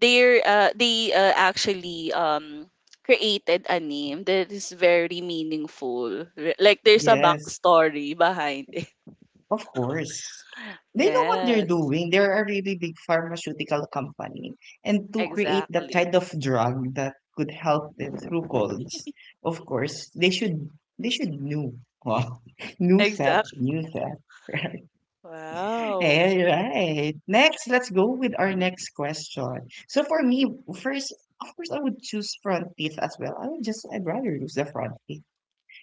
B: They're they actually created a name that is very meaningful. Like there's a
A: Yes,
B: backstory behind it.
A: of course they know what they're
B: Yes,
A: doing. They're a really big pharmaceutical company, and to create that
B: exactly,
A: kind of drug that could help them through colds, of course they should know. Wow. New set,
B: exactly.
A: new set.
B: Wow.
A: All right. Next, let's go with our next question. So for me, first, of course, I would choose front teeth as well. I'd rather lose the front teeth.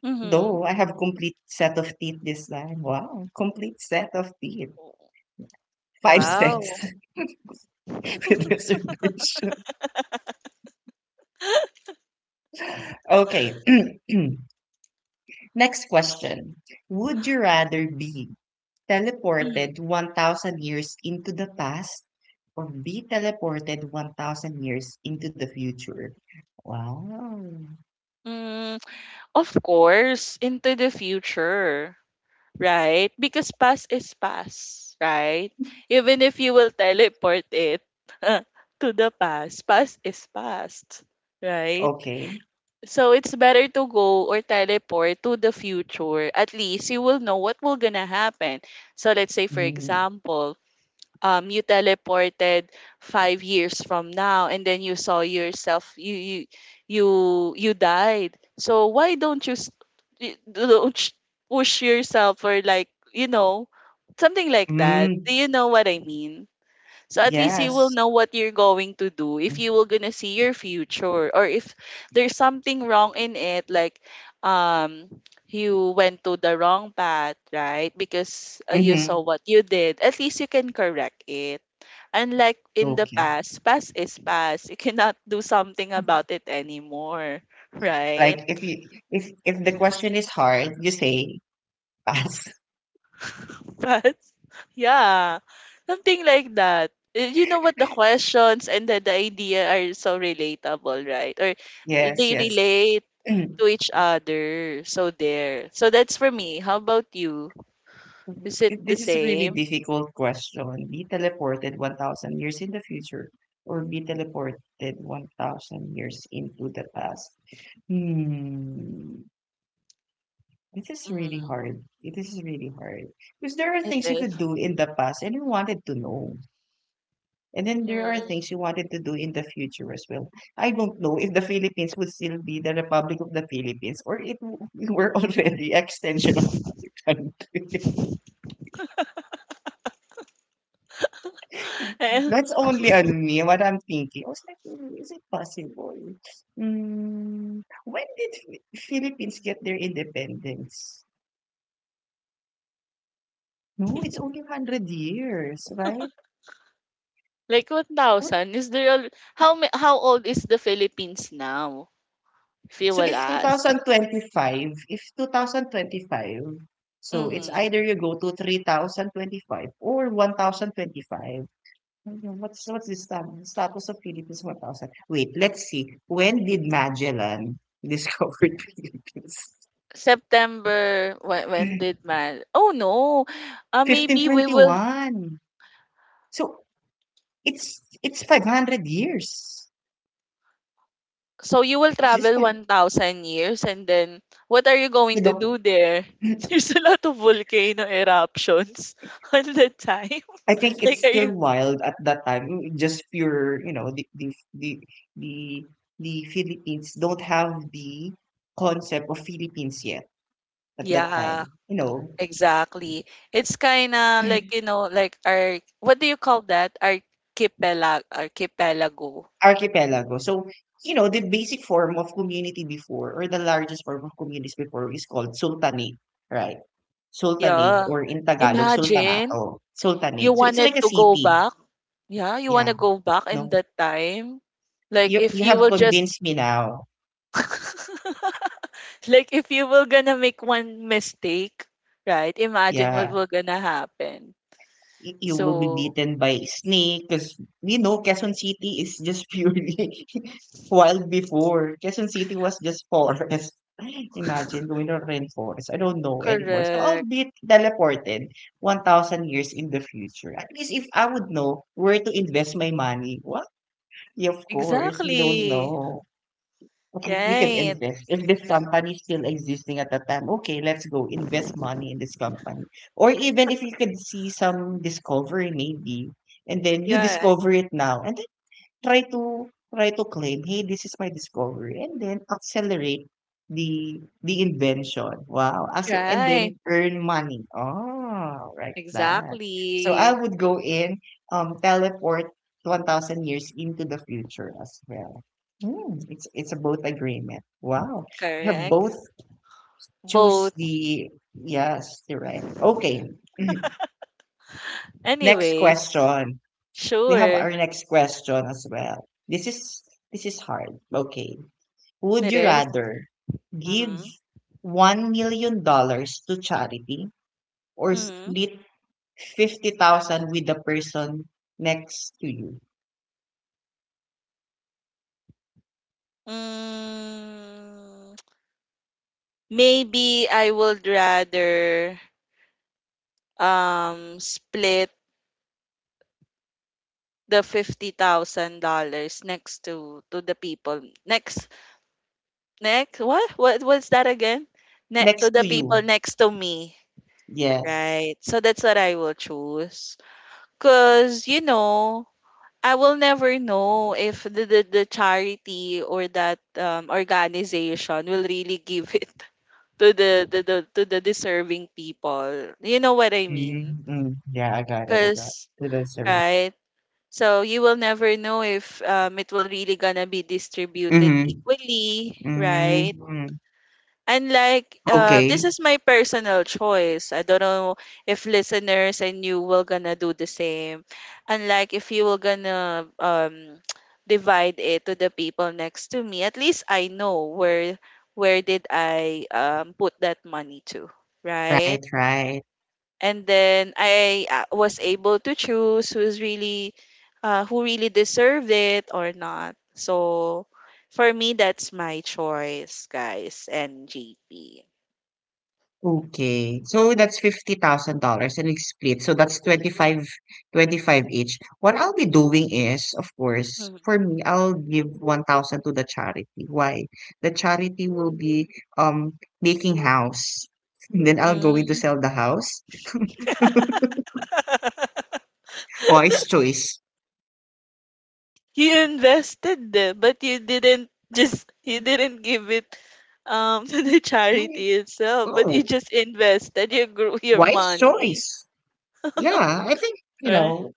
B: Mhm.
A: Though I have complete set of teeth this time. Wow, complete set of teeth.
B: Oh,
A: Five
B: wow.
A: sets with reservation. Okay. Next question. Would you rather be
B: Mm.
A: teleported 1,000 years into the past or be teleported 1,000 years into the future? Wow.
B: Mm, of course, into the future, right? Because past is past, right? Even if you will teleport it to the past, past is past, right?
A: Okay.
B: So it's better to go or teleport to the future. At least you will know what will gonna happen. So let's say, for
A: Mm,
B: example, you teleported 5 years from now and then you saw yourself, you you died. So why don't you s- y- don't sh- push yourself, or like, you know, something like that. Do
A: mm,
B: you know what I mean? So at least you will
A: yes.
B: know what you're going to do if you will gonna see your future, or if there's something wrong in it, like um you went to the wrong path, right? Because you
A: Mm-hmm.
B: saw what you did. At least you can correct it. Unlike in the
A: Okay.
B: past, past is past. You cannot do something about it anymore, right?
A: Like if you if the question is hard, you say pass.
B: But yeah, something like that. Eh, you know what, the questions and the idea are so relatable, right? Or
A: Yes,
B: they
A: yes.
B: relate to each other. So there. So that's for me. How about you? Is it the
A: This is a really
B: same?
A: difficult question. Be teleported 1,000 years in the future or be teleported 1,000 years into the past. Hmm, this is really
B: Mm-hmm.
A: hard. It is really hard. Because there are
B: It
A: things you
B: is.
A: could do in the past and you wanted to know. And then there are
B: Mm.
A: things you wanted to do in the future as well. I don't know if the Philippines would still be the Republic of the Philippines or we were already extension of other country.
B: Eh,
A: That's only on me, what I'm thinking. I was like, "Hmm, is it possible? When did Philippines get their independence? No, it's only 100 years, right?
B: like 1,000? Is there how old is the Philippines now? If you
A: So
B: will
A: if
B: ask.
A: 2025, if 2025, so it's
B: Mm-hmm.
A: either you go to 3025 or 1025. Mhm. What's the status of Philippines 1000? Wait, let's see. When did Magellan discover Philippines?
B: September when did man? Oh no. Maybe we will,
A: 1521. So it's 500 years.
B: so you will
A: It's just
B: travel
A: five,
B: 1,000 years and then what are you
A: you
B: going to
A: know,
B: do there? There's a lot of volcano eruptions on the time.
A: I think
B: Like
A: it's
B: are you,
A: still wild at that time. Just pure, the, the Philippines don't have the concept of Philippines yet at that
B: yeah,
A: time.
B: exactly. It's kinda like, you know, like our, what do you call that? Archipelago.
A: Archipelago. So, the basic form of community before, or the largest form of communities before, is called sultanate, right? Sultanate,
B: Yeah.
A: or in Tagalog,
B: Imagine
A: sultanato,
B: you
A: sultanate. So it's like
B: wanted
A: a
B: to go
A: city.
B: back. Yeah, you
A: Yeah.
B: wanna go back in
A: No,
B: that time. Like
A: you
B: if
A: you
B: you
A: have
B: will just
A: convinced me now.
B: like if you were gonna make one mistake, right? Imagine what
A: Yeah.
B: will gonna happen.
A: Y You will be
B: So
A: beaten by snake, 'cause Quezon City is just purely wild before. Quezon City was just forest. Imagine going to rainforest. I don't know anymore. So I'll
B: correct.
A: be teleported 1,000 years in the future. At least if I would know where to invest my money. What? Yeah, of course, we don't
B: Exactly.
A: know. At least we can
B: Right.
A: invest. If this company is still existing at the time, okay, let's go invest money in this company. Or even if you could see some discovery, maybe, and then you
B: Yeah.
A: discover it now, and Try to try to claim, "Hey, this is my discovery," and then accelerate the invention. Wow, as and
B: Right.
A: then earn money. Oh, right that. So I
B: Exactly.
A: would go in, teleport 1,000 years into the future as well. Hmm, it's a both agreement. Wow, we have
B: Correct.
A: both choose
B: Both.
A: the yes. You're right. Okay, next
B: Anyways,
A: question. We have
B: sure.
A: our next question as well. This is hard. Okay. Would
B: It
A: you
B: is.
A: rather give
B: Mm-hmm.
A: $1 million to charity or
B: Mm-hmm.
A: split 50,000 with the person next to you?
B: Mm, maybe I would rather split the $50,000 next to the people next what was that again? To
A: Next
B: the
A: to
B: people
A: you.
B: next to me,
A: Yes.
B: right? So that's what I will choose. Cause you know, I will never know if the charity or that organization will really give it to the deserving people. You know what I mean?
A: Mm-hmm. Yeah, I got it. I got
B: Cause
A: it. That's a
B: right So you will never know if it will really gonna be distributed
A: Mm-hmm.
B: equally, right?
A: Mm-hmm.
B: And like this
A: Okay.
B: is my personal choice. I don't know if listeners and you will gonna do the same. And like if you will gonna divide it to the people next to me, at least I know where did I put that money to, right?
A: Right, right.
B: And then I was able to choose who's really who really deserved it or not. So for me, that's my choice, guys, and JP.
A: Okay. So that's $50,000 and it's split. So that's 25, 25 each. What I'll be doing is, of course,
B: Mhm.
A: for me, I'll give 1,000 to the charity. Why? The charity will be making house. And then I'll go in to sell the house. Wise choice.
B: You invested the, but you didn't give it to the
A: Eh,
B: charity itself, but you
A: oh,
B: just invested, you grew your
A: wise
B: money,
A: choice. Yeah, I think, you
B: right?
A: know,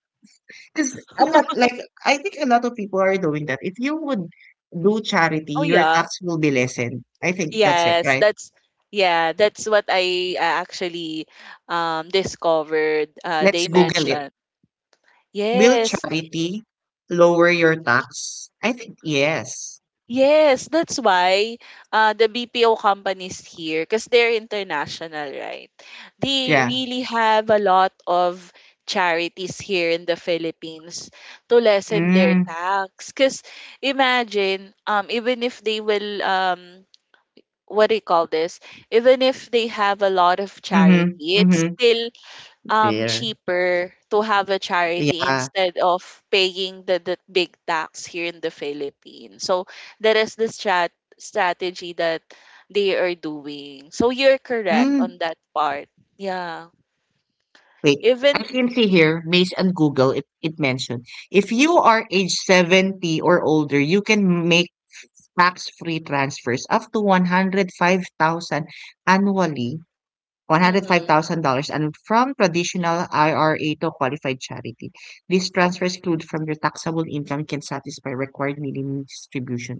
A: because a lot, like, I think a lot of people are doing that. If you would do charity,
B: Oh
A: your
B: yeah.
A: tax will be lessened. I think that's it,
B: Yes,
A: right?
B: that's, yeah, that's what I actually discovered. They
A: Let's Google it.
B: mentioned.
A: Will
B: Yes,
A: charity lower your tax? I think yes.
B: yes, that's why the BPO companies here, because they're international, right? They
A: Yeah.
B: really have a lot of charities here in the Philippines to lessen their
A: Mm,
B: tax. Because imagine, even if they will what do you call this? Even if they have a lot of
A: mm-hmm,
B: charity, it's
A: mm-hmm.
B: still
A: There.
B: cheaper to have a charity
A: Yeah.
B: instead of paying the big tax here in the Philippines. So that is the strategy that they are doing. So you're correct
A: Mm,
B: on that part. Yeah.
A: wait. I
B: Even
A: can see here, based on Google, it mentioned if you are age 70 or older, you can make tax free transfers up to 105,000 annually,
B: mhm,
A: $105,000, and from traditional IRA to qualified charity. These transfers include from your taxable income can satisfy required minimum distribution.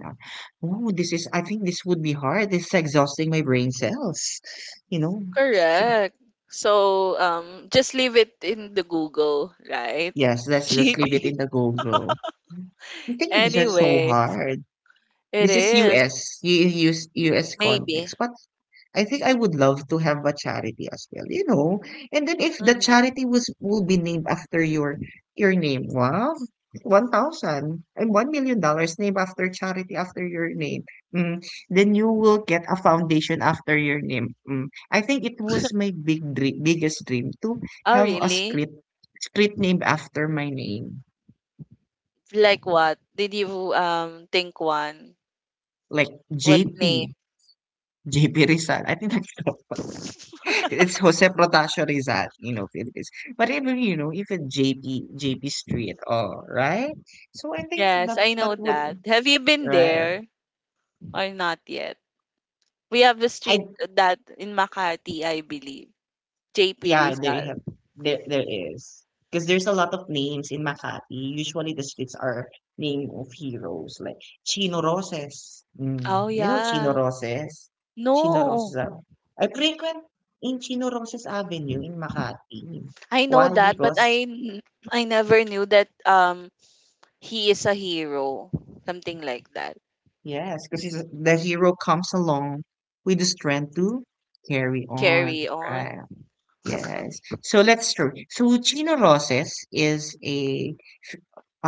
A: Oh, this is, I think this would be hard. This is exhausting my brain cells. You know,
B: correct. So just leave it in the Google, right?
A: yes, let's leave it
B: GP.
A: in the Google. I think it is just so
B: Anyway,
A: hard.
B: it
A: This is
B: is
A: US
B: maybe.
A: context. But I think I would love to have a charity as well. And then if the
B: Mhm.
A: charity was will be named after your name, wow, one thousand and one million dollars named after charity after your name. Mm, then you will get a foundation after your name. Mm. I think it was my big dream, biggest dream to
B: Oh
A: have a
B: really?
A: street named after my name,
B: Like what? Did you think one?
A: like
B: What name?
A: JP, JP Rizal. I think that's It's Jose Protasio Rizal, you know, Philippines. But even JP, JP Street, all right. So I think that
B: Yes, I
A: that
B: know that.
A: would,
B: Have you been
A: right.
B: there or not yet? We have a street
A: I,
B: that in Makati, I believe. JP
A: yeah, there
B: Rizal.
A: you have, there is. Because there's a lot of names in Makati. Usually the streets are named of heroes, like Chino Roses. Mm,
B: Oh
A: you know Chino
B: yeah.
A: Roses? Chino
B: No.
A: Roses, ah. I frequent in Chino Roses Avenue in Makati.
B: I know
A: Why?
B: that, but
A: Because
B: I never knew that he is a hero. Something like that.
A: Yes, because the hero comes along with the strength to carry
B: Carry
A: on.
B: on.
A: Right. Yes. So let's true. So Chino Roses is a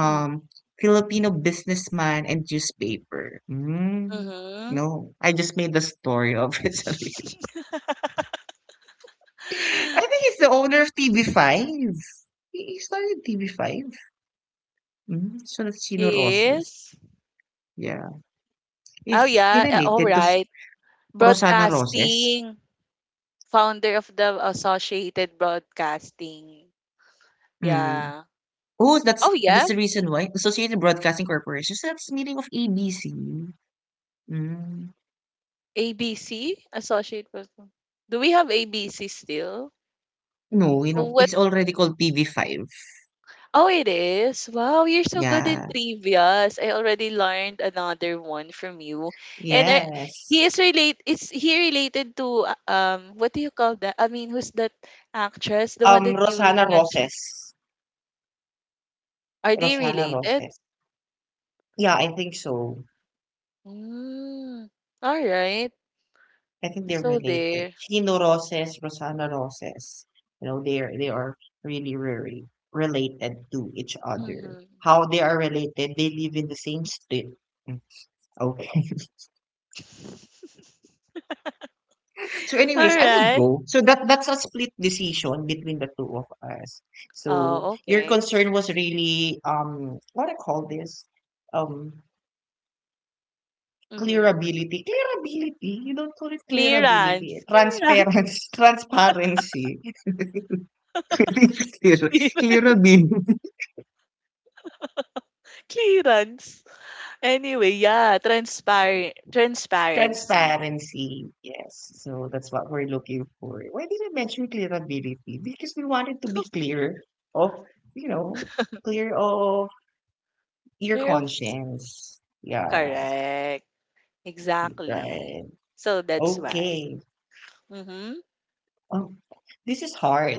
A: Filipino businessman and newspaper.
B: Mm-hmm.
A: No, I just made the story of it. Sorry. I think he's the owner of TV5. He started TV5. So that's Chino
B: He
A: Roses.
B: is.
A: Yeah.
B: Oh
A: Is he
B: yeah, all
A: related to
B: right.
A: Rosana Roses?
B: Broadcasting. Founder of the Associated Broadcasting.
A: Mm.
B: Yeah.
A: Oh, that's
B: Oh, yeah.
A: that's the reason why Associated Broadcasting Corporation. So that's meaning of ABC. Mm.
B: ABC, associate program. Do we have ABC still?
A: No, you
B: Oh,
A: know,
B: what?
A: it's already called TV5.
B: Oh, it is. Wow, you're so good in
A: Yeah.
B: trivias. I already learned another one from you. And I, he
A: Yes.
B: is relate. Is he related to What do you call that? I mean, who's that actress? The one that you
A: Rosana
B: mentioned.
A: Roses.
B: Are they
A: Rosana
B: related?
A: Roses. Yeah, I think so.
B: Mm, all right.
A: I think they're
B: So
A: related.
B: there.
A: Chino Roses, Rosana Roses. They are really really related to each other.
B: Mm-hmm.
A: How they are related? They live in the same state. Mm, Okay. So,
B: All
A: anyways, I would
B: right.
A: go. So that's a split decision between the two of us. So
B: Oh,
A: your
B: okay.
A: concern was really what I call this um
B: Mm-hmm.
A: clearability. Clearability. You don't call it clearability.
B: Clearance,
A: Transparency. Transparency. Clear,
B: clear-
A: clearability.
B: clearance. Anyway, yeah, transparency.
A: Transparency. Yes. So that's what we're looking for. Why did I mention clearability? Because we wanted to be clear of you know of your
B: Clear of,
A: conscience. Yeah,
B: correct. Exactly.
A: right.
B: So that's why.
A: Okay.
B: Mm-hmm.
A: Oh, this is hard.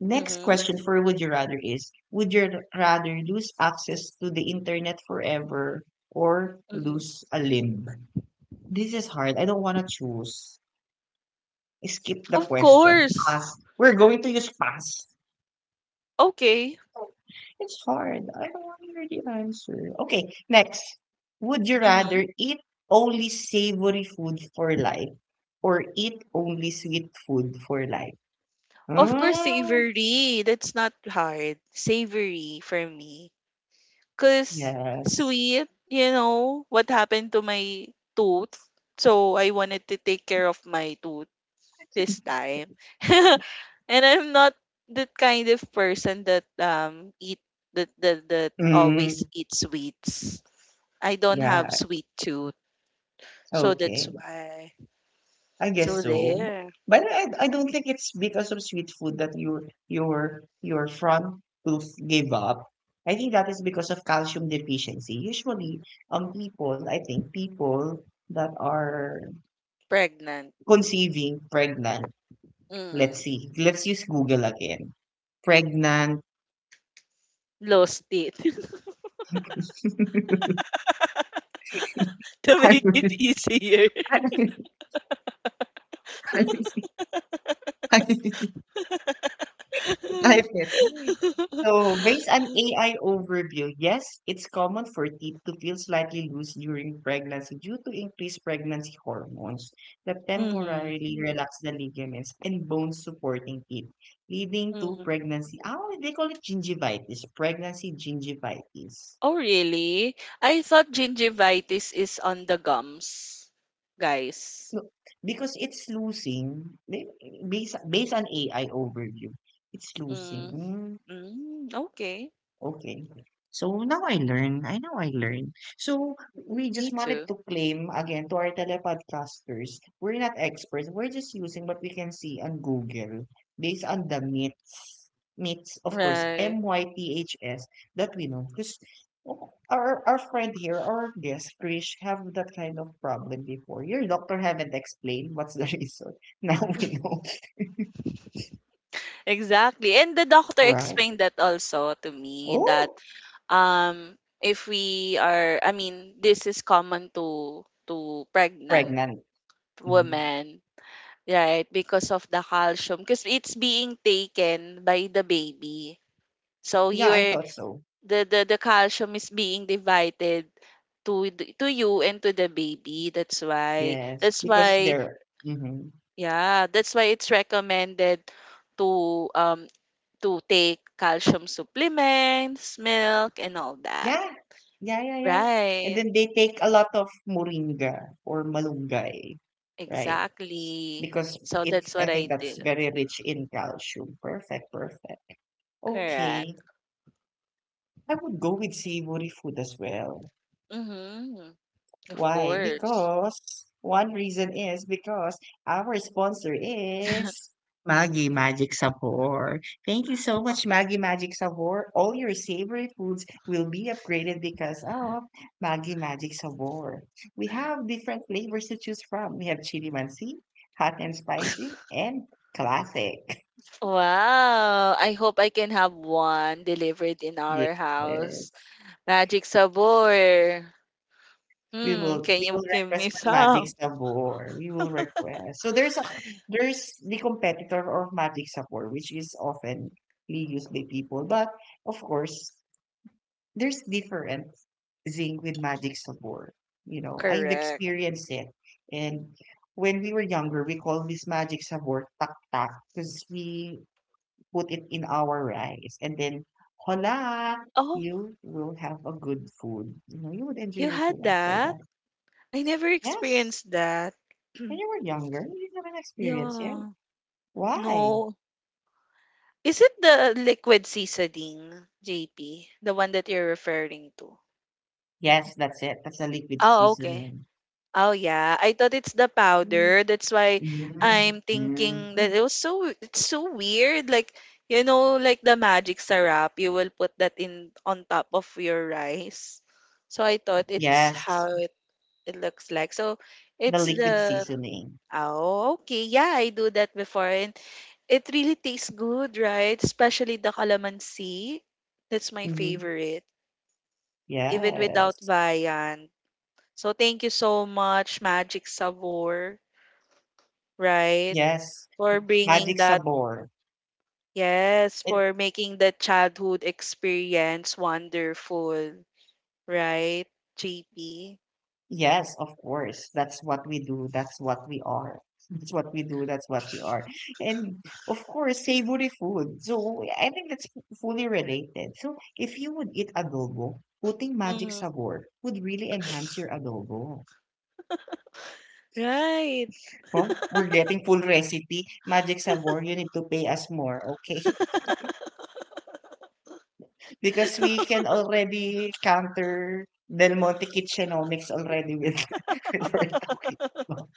A: Next
B: Mm-hmm.
A: question for would you rather is would you rather lose access to the internet forever or
B: Mm-hmm.
A: lose a limb? This is hard. I don't want to choose. Skip the
B: Of
A: question.
B: course.
A: Pass. We're going to use pass.
B: Okay.
A: It's hard. I don't want to hear the answer. Okay, next. Would you
B: Mm-hmm.
A: rather eat only savory food for life or eat only sweet food for life?
B: Of course,
A: Mm,
B: savory. That's not hard. Savory for me. Because
A: yes.
B: sweet, you know, what happened to my tooth. So I wanted to take care of my tooth this time. And I'm not the kind of person that eat that always
A: Mm,
B: eat sweets. I don't have
A: yeah.
B: sweet tooth, so that's
A: Okay.
B: why.
A: I
B: So
A: guess so.
B: there,
A: But I don't think it's because of sweet food that your front tooth gave up. I think that is because of calcium deficiency. Usually, people, I think people that are
B: pregnant,
A: Conceiving pregnant. Let's
B: mm,
A: see. Let's use Google again. Pregnant.
B: lost it to
A: I
B: make
A: will-
B: it easier.
A: I will- I will- I will type it. So, based on AI overview, yes, it's common for teeth to feel slightly loose during pregnancy due to increased pregnancy hormones that
B: Mm-hmm.
A: temporarily relax the ligaments and bones supporting teeth, leading to
B: Mm-hmm.
A: pregnancy. Oh, they call it gingivitis, pregnancy gingivitis.
B: Oh really? I thought gingivitis is on the gums, guys.
A: No, because it's losing, based on AI overview, it's losing.
B: Mm,
A: Hmm.
B: hmm. Okay.
A: Okay. So now I learn. I know I learn. So we
B: Me
A: just wanted
B: too.
A: to claim again to our telepodcasters, we're not experts. We're just using what we can see on Google based on the myths, myths, of course,
B: Right.
A: myths that we know. Because our friend here, our guest, Krish, have that kind of problem before. Your doctor haven't explained what's the reason. Now we know.
B: Exactly. And the doctor
A: Right.
B: explained that also to me that
A: Oh,
B: um if we are, I mean this is common to pregnant
A: pregnant. Mhm.
B: women, right? Because of the calcium, because it's being taken by the baby. So
A: Yeah, I
B: you're
A: thought so.
B: the the calcium is being divided to to you and to the baby. That's why,
A: Yes,
B: that's
A: because
B: why,
A: they're mhm.
B: yeah, that's why it's recommended to um to take calcium supplements, milk, and all that.
A: Yeah. Yeah, yeah, yeah. And
B: Right.
A: then they take a lot of moringa or malunggay, right?
B: Exactly.
A: Because
B: So
A: it's,
B: that's what
A: I
B: I
A: think that's
B: do.
A: very rich in calcium. Perfect, perfect.
B: Correct.
A: Okay. I would go with savory food as well.
B: Mm-hmm. Of
A: Why?
B: course.
A: Because one reason is because our sponsor is Maggie Magic Sabor. Thank you so much, Maggie Magic Sabor. All your savory foods will be upgraded because of Maggie Magic Sabor. We have different flavors to choose from. We have chili mansi, hot and spicy, and classic.
B: Wow. I hope I can have one delivered in our house.
A: Yes.
B: Magic Sabor.
A: We
B: Hmm.
A: will
B: Can
A: we
B: you
A: will
B: give me
A: request for Magic
B: some?
A: Sabor. We will request. So there's the competitor of Magic Sabor, which is often used by people. But of course, there's different zinc with Magic Sabor. You know, I've
B: Correct.
A: experienced it. And when we were younger, we call this Magic Sabor tak tak because we put it in our rice. And then, hola,
B: Oh,
A: you will have a good food. You know, you would enjoy
B: you
A: your
B: had
A: food after
B: that?
A: that.
B: I never
A: Yes.
B: experienced that.
A: When you were younger, you haven't experienced it.
B: Yeah.
A: Why?
B: No. Is it the liquid seasoning, JP? The one that you're referring to?
A: Yes, that's it. That's the liquid
B: Oh, okay.
A: seasoning.
B: Oh yeah, I thought it's the
A: Mm,
B: powder. That's why I'm thinking that
A: mm.
B: it was so it's so weird. Like, you know, like the magic syrup, you will put that in on top of your rice. So I thought it's
A: Yes,
B: how it, it looks like. So
A: the
B: it's
A: liquid
B: the,
A: seasoning.
B: oh okay, yeah, I do that before. And it really tastes good, right? Especially the calamansi. That's my
A: Hmm,
B: favorite, even without
A: yes,
B: viand. So thank you so much, Magic Savor, right?
A: yes,
B: For bringing
A: magic
B: that,
A: sabor.
B: yes,
A: It
B: for making the childhood experience wonderful, right? JP.
A: Yes, of course. That's what we do. That's what we are. That's what we do. That's what we are. And of course, savory food. So I think that's fully related. So if you would eat adobo, putting magic
B: Mm,
A: sabor would really enhance your adobo.
B: right.
A: Well, we're getting full recipe. Magic sabor, you need to pay us more, okay? Because we can already counter Del Monte Kitchenomics already with, with what we're talking about.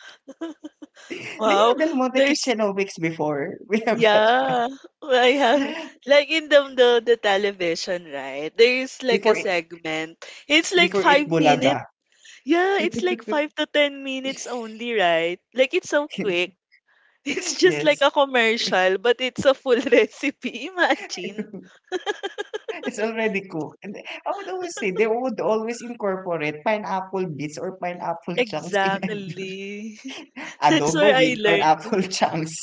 A: Do you
B: Wow,
A: know Del Monte
B: there's,
A: Kitchenomics before? We have that.
B: yeah, I have like in the television, right? There's like a
A: Before it,
B: segment. It's like
A: before it
B: 5 minutes.
A: bulaga.
B: Yeah, it's like 5 to 10 minutes only, right? Like it's so quick. It's just like
A: Yes.
B: a commercial, but it's a full recipe. Imagine.
A: It's already cooked. And I would always say they would always incorporate pineapple bits or pineapple chunks in every
B: Exactly. That's
A: adobo
B: where
A: with
B: I learned.
A: pineapple chunks.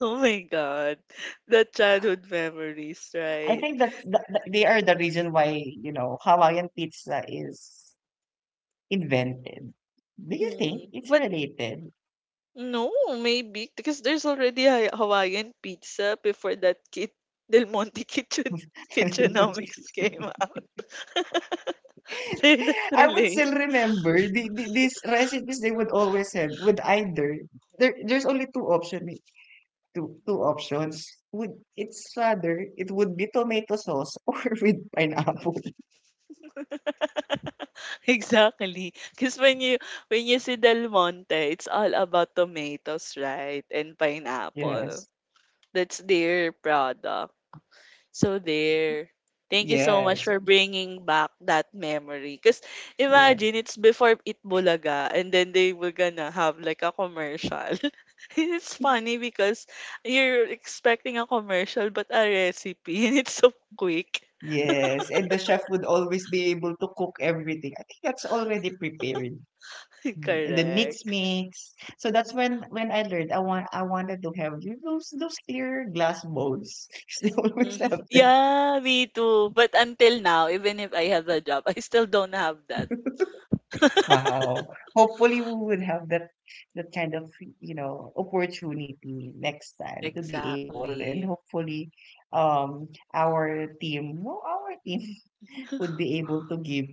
B: Oh my God. The childhood memories,
A: I
B: right?
A: think that they are the reason why, Hawaiian pizza is invented. Do you think
B: Mm.
A: it's
B: But
A: related?
B: no, maybe because there's already a Hawaiian pizza before that kid Del Monte kitchen kitchenomics came out. They're not
A: I would
B: related.
A: still remember these recipes they would always have would either there there's only two options would it's rather it would be tomato sauce or with pineapple
B: Exactly. Because when you, when you see Del Monte, it's all about tomatoes, right? And pineapple.
A: yes
B: That's their product. So there. Thank you so much
A: yes
B: for bringing back that memory. Because
A: yes
B: imagine, it's before Eat Bulaga and then they were gonna have like a commercial. It's funny because you're expecting a commercial but a recipe and it's so quick.
A: yes and the chef would always be able to cook everything I think that's already prepared. And then mix
B: Correct.
A: mix so that's when I learned I wanted to have those clear glass bowls they always
B: Mhm.
A: have.
B: Yeah, me too. But until now, even if I have a job, I still don't have that.
A: Wow. Hopefully, we would have that kind of, opportunity next time to be able, and
B: Exactly.
A: hopefully, our team, no, our team would be able to give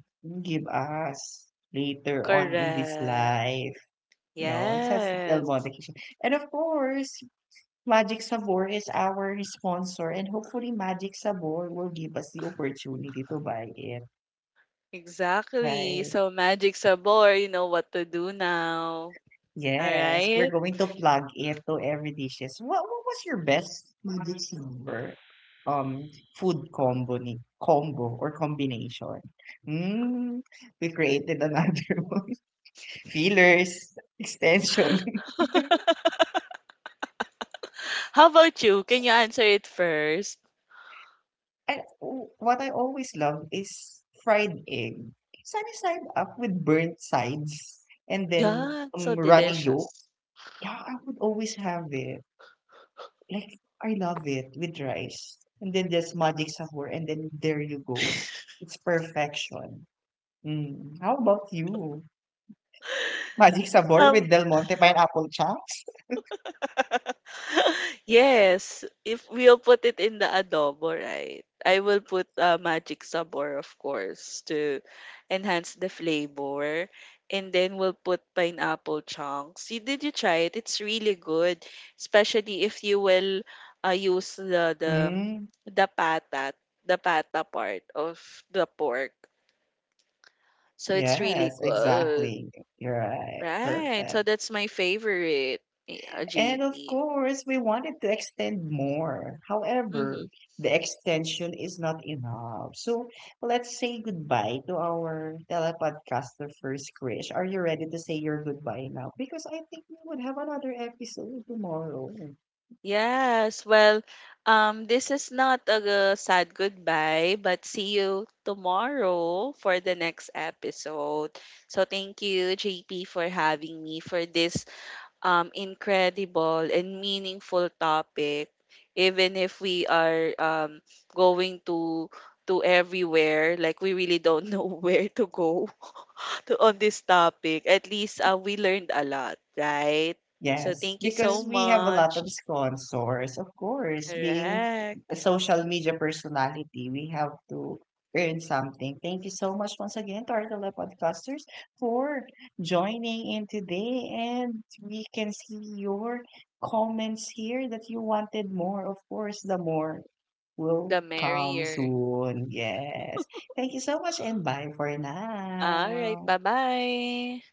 A: give us later on in this
B: Correct.
A: life, such Del
B: Yes.
A: Monte Kitchen. And of course, Magic Sabor is our sponsor, and hopefully, Magic Sabor will give us the opportunity to buy it.
B: Exactly.
A: Right.
B: So magic's a bore, you know what to do now. All
A: Yes,
B: right.
A: we're going to plug it to every dishes. What was your best Magic Number food combo ni combo or combination? Mm, we created another one. Fillers, extension.
B: How about you? Can you answer it first?
A: And what I always love is fried egg. Sunny side up with burnt sides and then
B: Yeah, so
A: runny yolk.
B: delicious.
A: Yeah, I would always have it. Like, I love it with rice. And then there's magic sahur, and then there you go. It's perfection. Mm. How about you? Magic sahur with
B: Um,
A: Del Monte pineapple chunks?
B: yes, if we'll put it in the adobo, right? I will put magic sabor, of course, to enhance the flavor. And then we'll put pineapple chunks. You, did you try it? It's really good, especially if you will use the the
A: Mm.
B: the patat, the pata part of the pork. So it's really
A: Yes,
B: good,
A: exactly. You're right.
B: right? So
A: Perfect.
B: that's my favorite,
A: And of
B: JP.
A: course, we wanted to extend more. However, the extension is not enough. So let's say goodbye to our telepodcaster first, Krish. Are you ready to say your goodbye now? Because I think we would have another episode tomorrow.
B: Yes, well, this is not a sad goodbye, but see you tomorrow for the next episode. So thank you, JP, for having me for this incredible and meaningful topic. Even if we are going to everywhere, like we really don't know where to go to, on this topic. At least we learned a lot, right? So
A: Yes,
B: thank you so
A: because we have a lot
B: much.
A: of sponsors, of course. Being a
B: Correct.
A: social media personality, we have to earn something. Thank you so much once again to our telepodcasters for joining in today. And we can see your comments here that you wanted more. Of course, the more will
B: The
A: come
B: merrier.
A: soon. Yes. Thank you so much and bye for
B: All right.
A: now.
B: Bye-bye.